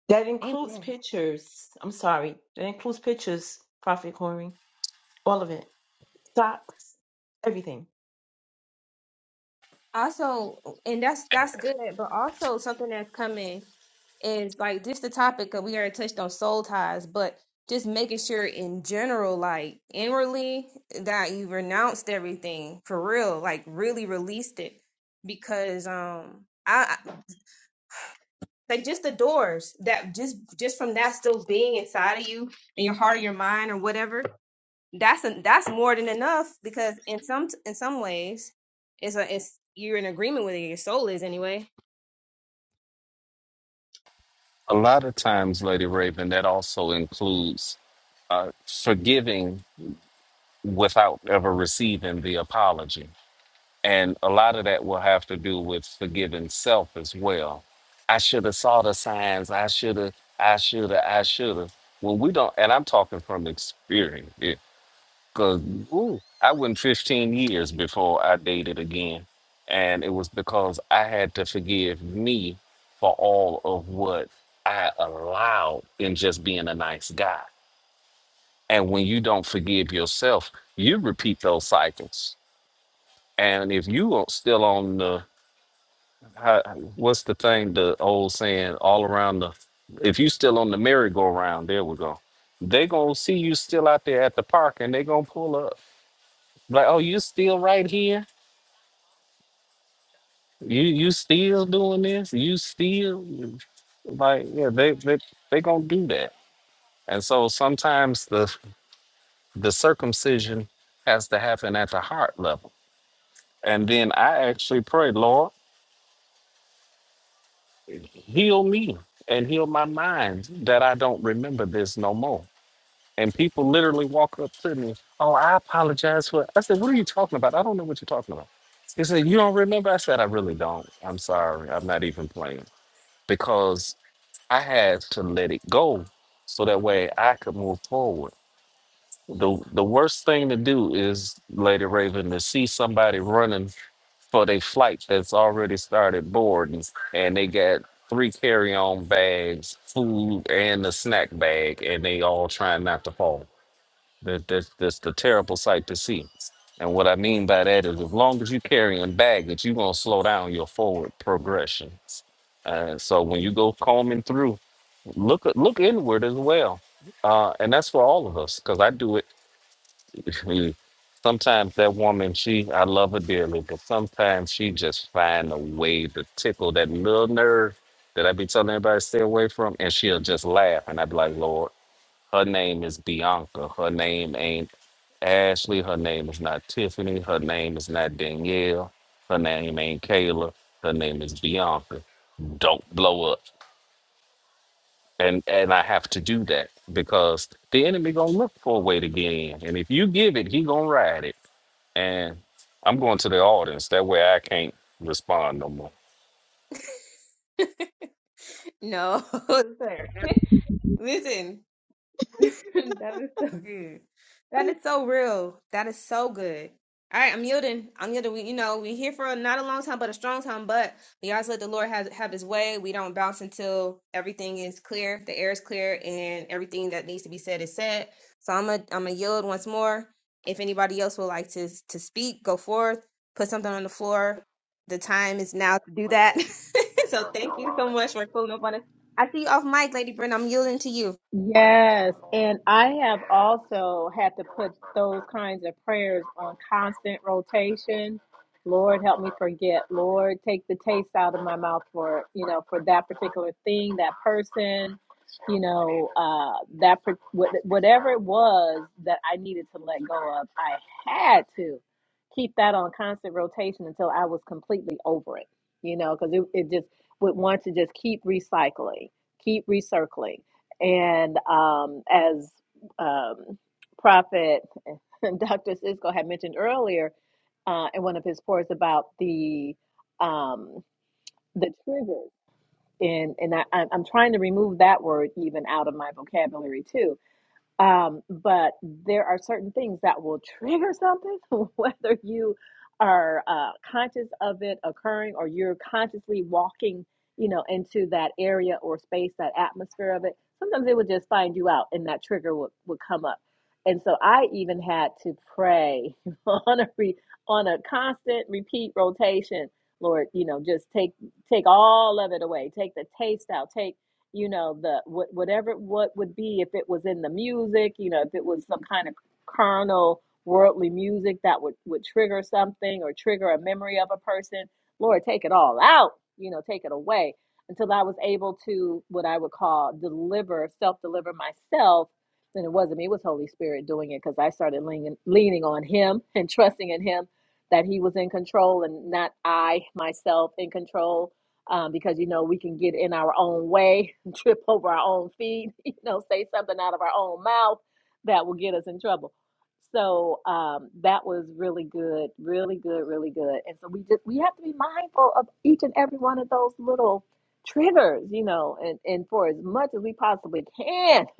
That includes
Amen.
pictures. I'm sorry. That includes pictures, Prophet Corey. All of it. Socks, everything.
Also, and that's that's good, but also something that's coming is like just the topic that we already touched on soul ties, but just making sure in general, like inwardly, that you renounced everything for real, like really released it. Because um I like just the doors that just just from that still being inside of you and your heart or your mind or whatever that's a, that's more than enough because in some in some ways it's a it's you're in agreement with it your soul is anyway
A lot of times, Lady Raven, that also includes uh, forgiving without ever receiving the apology. And a lot of that will have to do with forgiving self as well. I should have saw the signs. I should have, I should have, I should have. When we don't, and I'm talking from experience, Cause ooh, I went 15 years before I dated again. And it was because I had to forgive me for all of what I allowed in just being a nice guy. And when you don't forgive yourself, you repeat those cycles. And if you are still on the, how- what's the thing, the old saying, all around the, if you still on the merry-go-round, there we go. They gonna see you still out there at the park and they gonna pull up. Like, oh, you still right here? You you still doing this? You still like yeah, they they they gonna do that. And so sometimes the the circumcision has to happen at the heart level. And then I actually pray, Lord, heal me and heal my mind that I don't remember this no more. And people literally walk up to me, oh, I apologize for I said, what are you talking about? I don't know what you're talking about. He said, you don't remember? I said, I really don't. I'm sorry. I'm not even playing. because. I had to let it go so that way I could move forward. The the worst thing to do is, Lady Raven, to see somebody running for their flight that's already started boarding and they got three carry-on bags, food, and a snack bag, and they all trying not to fall. That, that's that's a terrible sight to see. And what I mean by that is, as long as you're carrying baggage, you're gonna slow down your forward progression. Uh, so when you go combing through, look at- look inward as well, uh, and that's for all of us. Because I do it. sometimes that woman, she I love her dearly, but sometimes she just find a way to tickle that little nerve that I be telling everybody to stay away from, and she'll just laugh, and i be like, Lord. Her name is Bianca. Her name ain't Ashley. Her name is not Tiffany. Her name is not Danielle. Her name ain't Kayla. Her name is Bianca. Don't blow up. And and I have to do that because the enemy gonna look for a way to get in. And if you give it, he gonna ride it. And I'm going to the audience. That way I can't respond no more.
no sir. listen That is so good. That is so real. That is so good. All right, I'm yielding. I'm yielding. We, you know, we here for not a long time, but a strong time. But we always let the Lord have have His way. We don't bounce until everything is clear, the air is clear, and everything that needs to be said is said. So I'm a I'm a yield once more. If anybody else would like to to speak, go forth, put something on the floor. The time is now to do that. so thank you so much for pulling up on us. I see you off mic, Lady Brenda. I'm yielding to you.
Yes, and I have also had to put those kinds of prayers on constant rotation. Lord, help me forget. Lord, take the taste out of my mouth for, you know, for that particular thing, that person, you know, uh that per- what- whatever it was that I needed to let go of, I had to keep that on constant rotation until I was completely over it, you know, because it, it just would want to just keep recycling, keep recircling and um, as um, Prophet Dr. Sisko had mentioned earlier uh, in one of his pours about the um, the triggers, and and I, I'm I'm trying to remove that word even out of my vocabulary too um, but there are certain things that will trigger something, whether you are uh, conscious of it occurring or you're consciously walking, you know, into that area or space, that atmosphere of it. Sometimes it would just find you out, and that trigger would, would come up. And so I even had to pray on a re, on a constant repeat rotation. Lord, you know, just take take all of it away. Take the taste out. Take you know the what whatever what would be if it was in the music you know if it was some kind of carnal worldly music that would would trigger something or trigger a memory of a person lord take it all out you know take it away until i was able to what i would call deliver self deliver myself and it wasn't me it was holy spirit doing it because i started leaning leaning on him and trusting in him that he was in control and not i myself in control um, because you know we can get in our own way, trip over our own feet, you know, say something out of our own mouth that will get us in trouble. So um, that was really good, really good, really good. And so we just we have to be mindful of each and every one of those little triggers, you know, and and for as much as we possibly can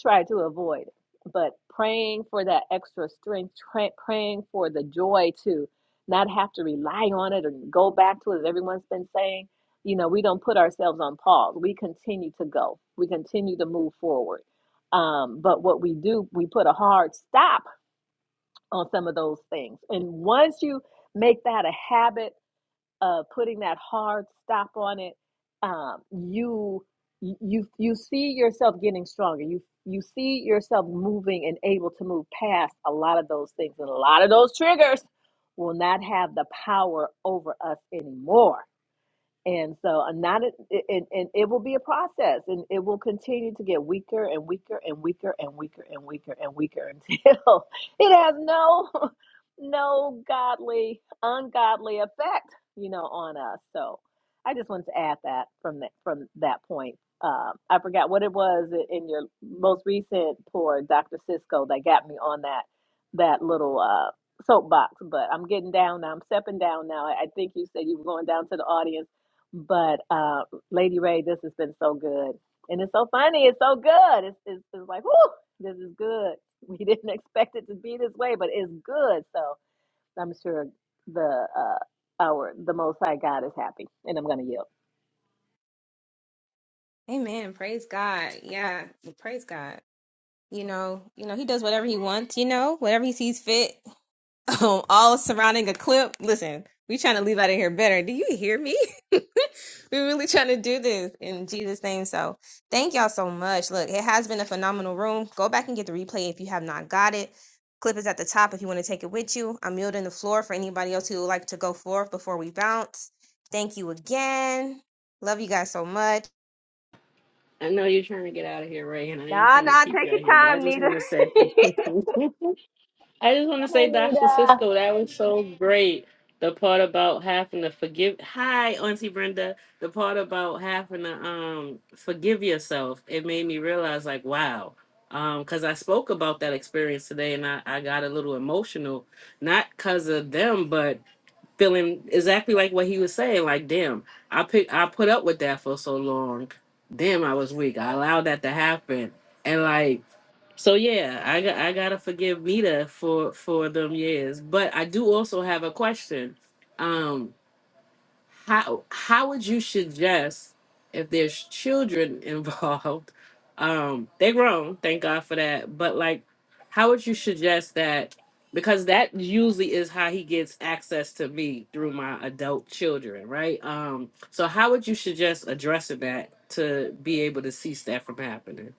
try to avoid. it. But praying for that extra strength, tra- praying for the joy to not have to rely on it or go back to it, as everyone's been saying. You know, we don't put ourselves on pause. We continue to go. We continue to move forward. Um, but what we do, we put a hard stop on some of those things. And once you make that a habit, uh, putting that hard stop on it, um, you you you see yourself getting stronger. You you see yourself moving and able to move past a lot of those things, and a lot of those triggers will not have the power over us anymore and so I'm not, and, and it will be a process and it will continue to get weaker and weaker and weaker and weaker and weaker and weaker until it has no, no godly, ungodly effect, you know, on us. So I just wanted to add that from that, from that point. Uh, I forgot what it was in your most recent pour, Dr. Cisco, that got me on that, that little, uh, soapbox, but I'm getting down now. I'm stepping down now. I, I think you said you were going down to the audience but uh, Lady Ray, this has been so good, and it's so funny. It's so good. It's it's, it's like, whoo, this is good. We didn't expect it to be this way, but it's good. So I'm sure the uh, our the Most High God is happy, and I'm gonna yield.
Amen. Praise God. Yeah. Well, Praise God. You know, you know, he does whatever he wants, you know, whatever he sees fit. Um, all surrounding a clip. Listen, we trying to leave out of here better. Do you hear me? We're really trying to do this in Jesus' name. So thank y'all so much. Look, it has been a phenomenal room. Go back and get the replay if you have not got it. Clip is at the top if you want to take it with you. I'm yielding the floor for anybody else who would like to go forth before we bounce. Thank you again. Love you guys so much.
I know you're trying to get out of here, Ray, and I ain't
Nah,
trying to
nah,
keep
take
you
your
out here, but I
time,
just
Nita.
want to say,
that
I just want to
Come
say,
on,
Doc
Nita.
Francisco, that was so great. The part about having to forgive. Hi, Auntie Brenda. The part about having to um forgive yourself. It made me realize, like, wow. Um, cause I spoke about that experience today, and I I got a little emotional, not cause of them, but feeling exactly like what he was saying. Like, damn, I pick, I put up with that for so long. Damn, I was weak. I allowed that to happen, and like, so yeah, I got, I gotta forgive Mita for for them years. But I do also have a question. Um, how how would you suggest if there's children involved um they're grown thank god for that but like how would you suggest that because that usually is how he gets access to me through my adult children right um so how would you suggest addressing that to be able to cease that from happening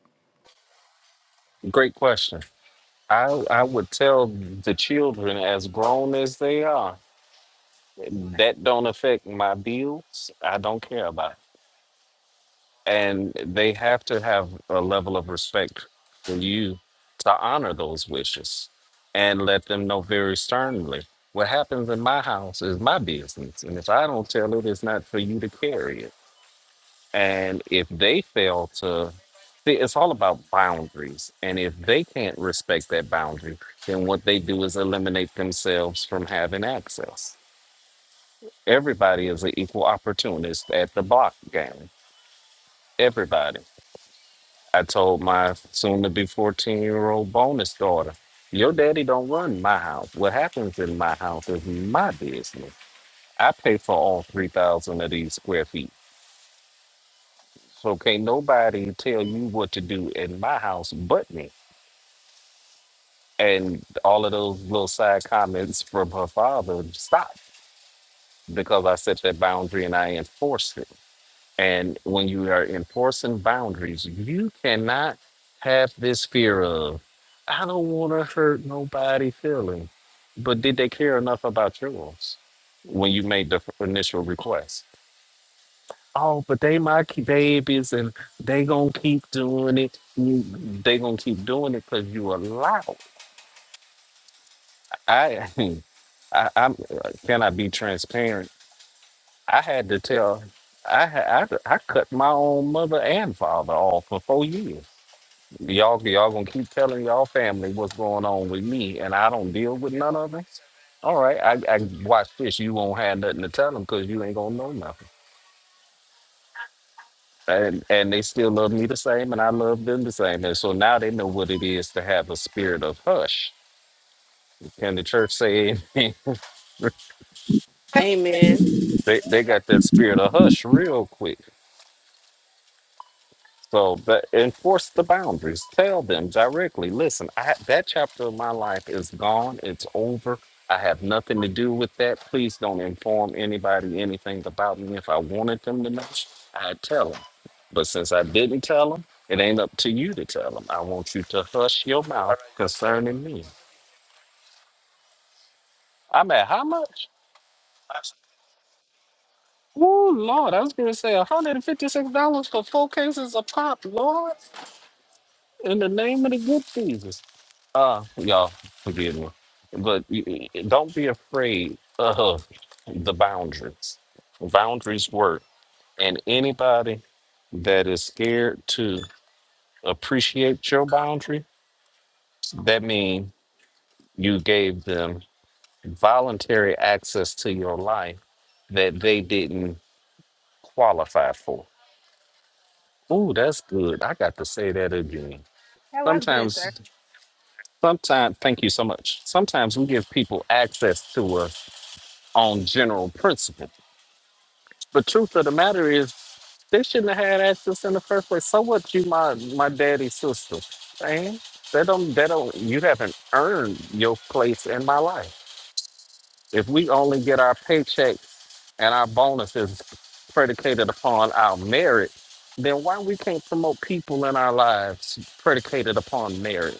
Great question. I I would tell the children as grown as they are that don't affect my bills. I don't care about it. And they have to have a level of respect for you to honor those wishes and let them know very sternly. What happens in my house is my business. And if I don't tell it, it's not for you to carry it. And if they fail to, see, it's all about boundaries. And if they can't respect that boundary, then what they do is eliminate themselves from having access Everybody is an equal opportunist at the block game. Everybody. I told my soon to be 14 year old bonus daughter, Your daddy don't run my house. What happens in my house is my business. I pay for all 3,000 of these square feet. So can't nobody tell you what to do in my house but me. And all of those little side comments from her father stopped because I set that boundary and I enforced it. And when you are enforcing boundaries, you cannot have this fear of, I don't want to hurt nobody feeling. But did they care enough about yours when you made the initial request? Oh, but they my ki- babies and they gonna keep doing it. You- They gonna keep doing it because you allow. I, I, I'm. Can I be transparent? I had to tell. I, had I I cut my own mother and father off for four years Y'all, y'all gonna keep telling y'all family what's going on with me, and I don't deal with none of it. All right, I, I watch this. You won't have nothing to tell them because you ain't gonna know nothing. And and they still love me the same, and I love them the same. And so now they know what it is to have a spirit of hush. Can the church say amen?
amen
They they got that spirit of hush real quick. So but enforce the boundaries. Tell them directly. Listen, I, that chapter of my life is gone. It's over. I have nothing to do with that. Please don't inform anybody anything about me. If I wanted them to know, I'd tell them. But since I didn't tell them, it ain't up to you to tell them. I want you to hush your mouth concerning me. I'm at how much? Oh Lord, I was gonna say $156 for four cases of pop, Lord, in the name of the good Jesus. Uh, y'all, forgive me, but y- y- don't be afraid of the boundaries. Boundaries work, and anybody that is scared to appreciate your boundary, that means you gave them voluntary access to your life that they didn't qualify for. Ooh, that's good. I got to say that again.
was good, sir.
Sometimes, sometimes, thank you so much. Sometimes we give people access to us on general principle. The truth of the matter is, they shouldn't have had access in the first place. So what? You my my daddy's sister, man. They don't. They don't. You haven't earned your place in my life. If we only get our paychecks and our bonuses predicated upon our merit, then why we can't promote people in our lives predicated upon merit?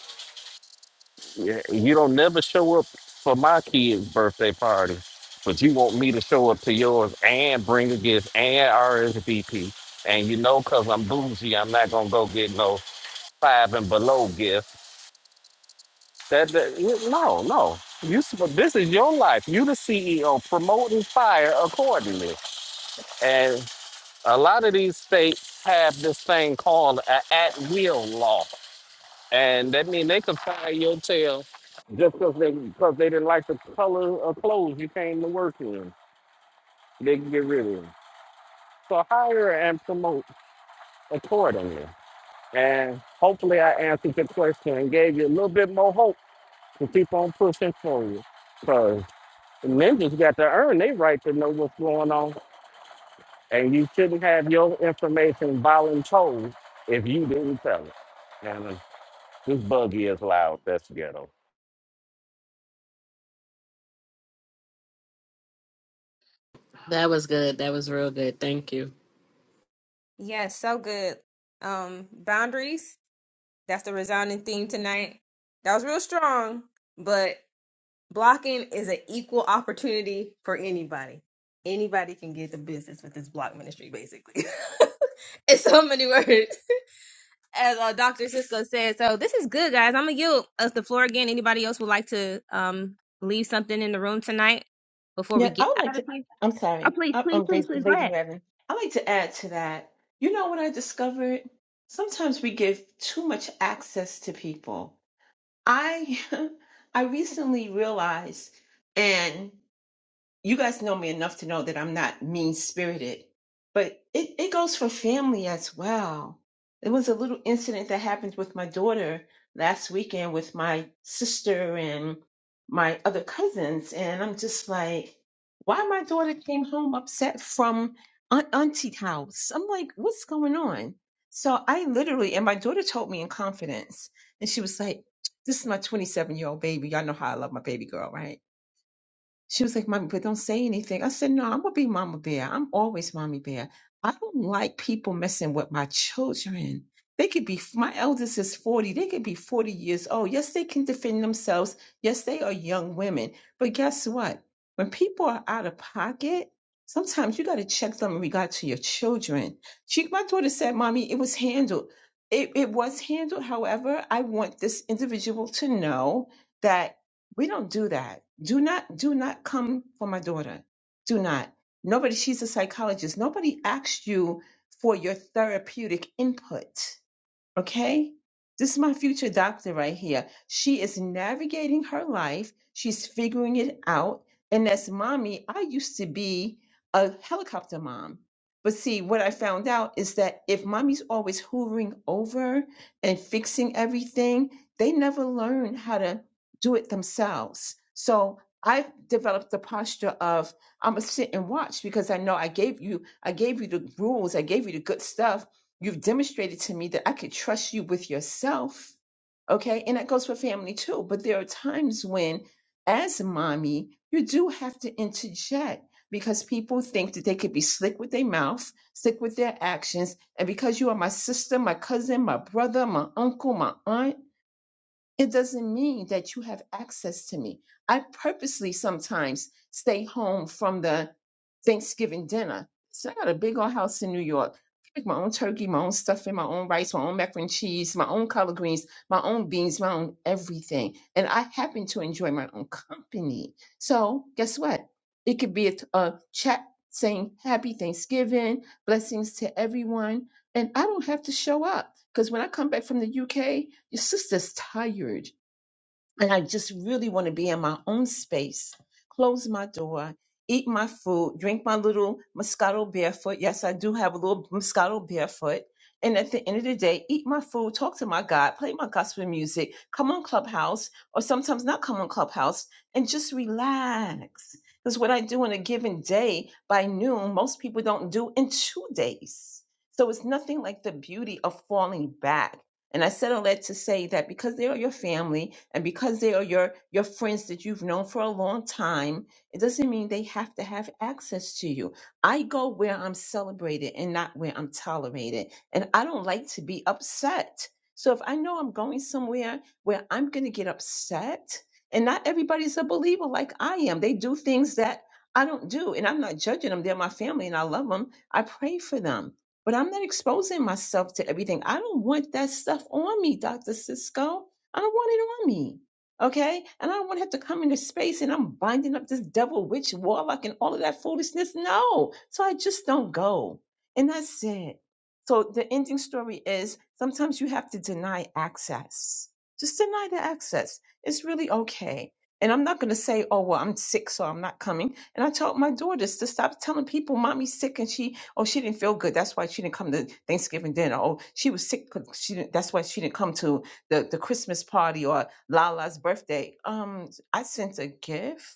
Yeah, you don't never show up for my kid's birthday party, but you want me to show up to yours and bring a gift and RSVP. And you know, cause I'm bougie, I'm not gonna go get no five and below gift. That, that you- no, no. You sup- this is your life. You the CEO promoting fire accordingly. And a lot of these states have this thing called an at will law. And that means they could fire your tail just because they, cause they didn't like the color of clothes you came to work in. They can get rid of you. So hire and promote accordingly. And hopefully I answered your question and gave you a little bit more hope to keep on pushing forward. Because ninjas got to earn their right to know what's going on. And you shouldn't have your information voluntold if you didn't tell it. And uh, this buggy is loud. That's ghetto.
that was good that was real good thank you
Yes, so good. Um, boundaries, that's the resounding theme tonight. That was real strong, but blocking is an equal opportunity for anybody. Anybody can get the business with this block ministry, basically. in so many words. As uh, Dr. Cisco said, so this is good, guys. I'm gonna give us the floor again. Anybody else would like to um leave something in the room tonight before we
Yeah, I
get
would like
out of
to.
here?
I'm
Oh,
sorry.
please,
I'm,
please,
I'm
please,
great,
please, go
Lady
ahead.
Reverend. I like to add to that. You know what I discovered? Sometimes we give too much access to people. I I recently realized, and you guys know me enough to know that I'm not mean spirited, but it, it goes for family as well. There was a little incident that happened with my daughter last weekend with my sister and my other cousins. And I'm just like, why my daughter came home upset from Aunt Auntie's house? I'm like, what's going on? So I literally, and my daughter told me in confidence, and she was like, this is my 27 year old baby. Y'all know how I love my baby girl, right? She was like, Mommy, but don't say anything. I said, No, I'm gonna be Mama Bear. I'm always Mommy Bear. I don't like people messing with my children. They could be my eldest is 40, they could be 40 years old. Yes, they can defend themselves. Yes, they are young women. But guess what? When people are out of pocket, sometimes you gotta check them in regard to your children. She my daughter said, Mommy, it was handled. It it was handled. However, I want this individual to know that we don't do that. Do not, do not come for my daughter. Do not. Nobody, she's a psychologist. Nobody asked you for your therapeutic input. Okay? This is my future doctor right here. She is navigating her life, she's figuring it out. And as mommy, I used to be a helicopter mom. But see, what I found out is that if mommy's always hoovering over and fixing everything, they never learn how to do it themselves. So I've developed the posture of I'm gonna sit and watch because I know I gave you I gave you the rules, I gave you the good stuff You've demonstrated to me that I could trust you with yourself. Okay. And that goes for family too. But there are times when, as a mommy, you do have to interject because people think that they could be slick with their mouth, slick with their actions. And because you are my sister, my cousin, my brother, my uncle, my aunt, it doesn't mean that you have access to me. I purposely sometimes stay home from the Thanksgiving dinner. So I got a big old house in New York. I make my own turkey, my own stuffing, my own rice, my own macaroni and cheese, my own collard greens, my own beans, my own everything. And I happen to enjoy my own company. So guess what? It could be a, t- a chat saying happy Thanksgiving, blessings to everyone. And I don't have to show up. Because when I come back from the UK, your sister's tired. And I just really want to be in my own space, close my door, eat my food, drink my little Moscato barefoot. Yes, I do have a little Moscato barefoot. And at the end of the day, eat my food, talk to my God, play my gospel music, come on Clubhouse, or sometimes not come on Clubhouse, and just relax. Because what I do in a given day by noon, most people don't do in two days. So it's nothing like the beauty of falling back and I said all that to say that because they are your family and because they are your, your friends that you've known for a long time, it doesn't mean they have to have access to you. I go where I'm celebrated and not where I'm tolerated. And I don't like to be upset. So if I know I'm going somewhere where I'm going to get upset, and not everybody's a believer like I am, they do things that I don't do, and I'm not judging them. They're my family and I love them. I pray for them but I'm not exposing myself to everything. I don't want that stuff on me, Dr. Cisco. I don't want it on me. Okay? And I don't want to have to come into space and I'm binding up this devil, witch, warlock, and all of that foolishness. No. So I just don't go. And that's it. So the ending story is sometimes you have to deny access. Just deny the access. It's really okay. And I'm not going to say, oh, well, I'm sick, so I'm not coming. And I told my daughters to stop telling people mommy's sick and she, oh, she didn't feel good. That's why she didn't come to Thanksgiving dinner. Oh, she was sick. 'cause She didn't, that's why she didn't come to the, the Christmas party or Lala's birthday. Um, I sent a gift.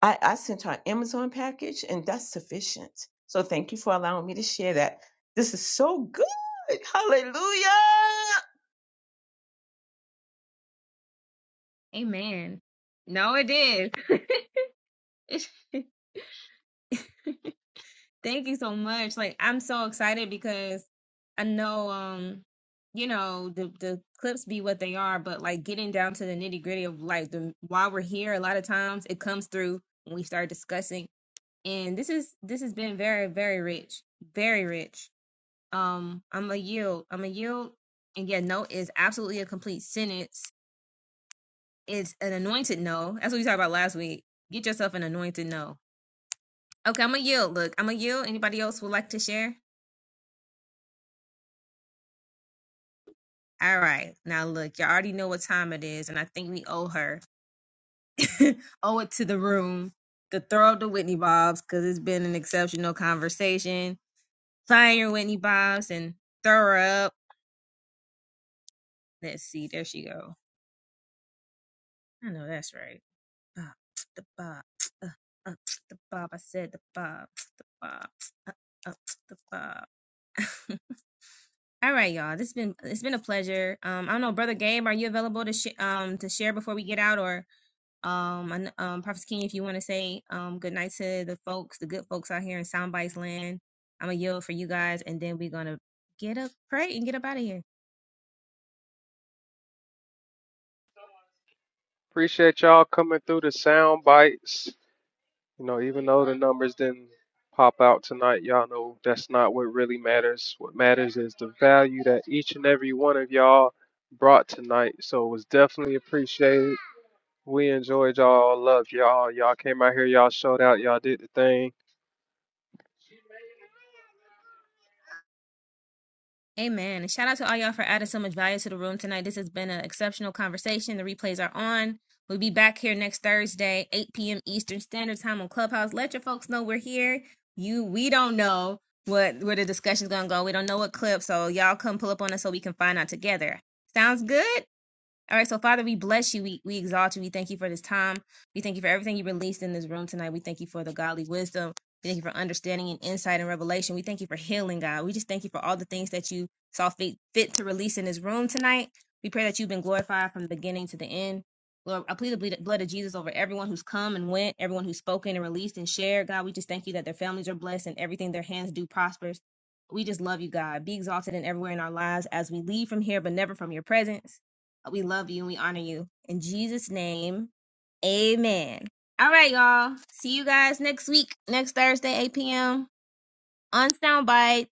I, I sent her an Amazon package and that's sufficient. So thank you for allowing me to share that. This is so good. Hallelujah.
Amen. No, it is. Thank you so much. Like I'm so excited because I know um you know the the clips be what they are, but like getting down to the nitty gritty of like the while we're here, a lot of times it comes through when we start discussing. And this is this has been very very rich, very rich. um i'm a yield i'm a yield and yeah no is absolutely a complete sentence it's an anointed no that's what we talked about last week get yourself an anointed no okay i'm a yield look i'm a yield anybody else would like to share all right now look you already know what time it is and i think we owe her owe it to the room to throw up the whitney bobs because it's been an exceptional conversation find your whitney bobs and throw her up let's see there she go i know that's right bar, the Bob, uh, uh, the Bob, I said the Bob, the Bob, uh, uh, the bob alright you All right, y'all. This been it's been a pleasure. Um, I don't know, brother Gabe, are you available to sh- um to share before we get out, or um, I kn- um, Prophet King, if you want to say um good night to the folks, the good folks out here in Soundbites Land. I'm gonna yield for you guys, and then we're gonna get up, pray, and get up out of here.
Appreciate y'all coming through the Sound Bites. You know, even though the numbers didn't pop out tonight, y'all know that's not what really matters. What matters is the value that each and every one of y'all brought tonight. So it was definitely appreciated. We enjoyed y'all. Love y'all. Y'all came out here. Y'all showed out. Y'all did the thing.
Amen. And shout out to all y'all for adding so much value to the room tonight. This has been an exceptional conversation. The replays are on. We'll be back here next Thursday, 8 p.m. Eastern Standard Time on Clubhouse. Let your folks know we're here. You, we don't know what where the discussion's gonna go. We don't know what clip, so y'all come pull up on us so we can find out together. Sounds good. All right, so Father, we bless you. We, we exalt you. We thank you for this time. We thank you for everything you released in this room tonight. We thank you for the godly wisdom. We thank you for understanding and insight and revelation. We thank you for healing, God. We just thank you for all the things that you saw fit, fit to release in this room tonight. We pray that you've been glorified from the beginning to the end. Lord, I plead the ble- blood of Jesus over everyone who's come and went, everyone who's spoken and released and shared. God, we just thank you that their families are blessed and everything their hands do prospers. We just love you, God. Be exalted in everywhere in our lives as we leave from here, but never from your presence. We love you and we honor you. In Jesus' name, amen. All right, y'all. See you guys next week, next Thursday, 8 p.m. on Soundbites.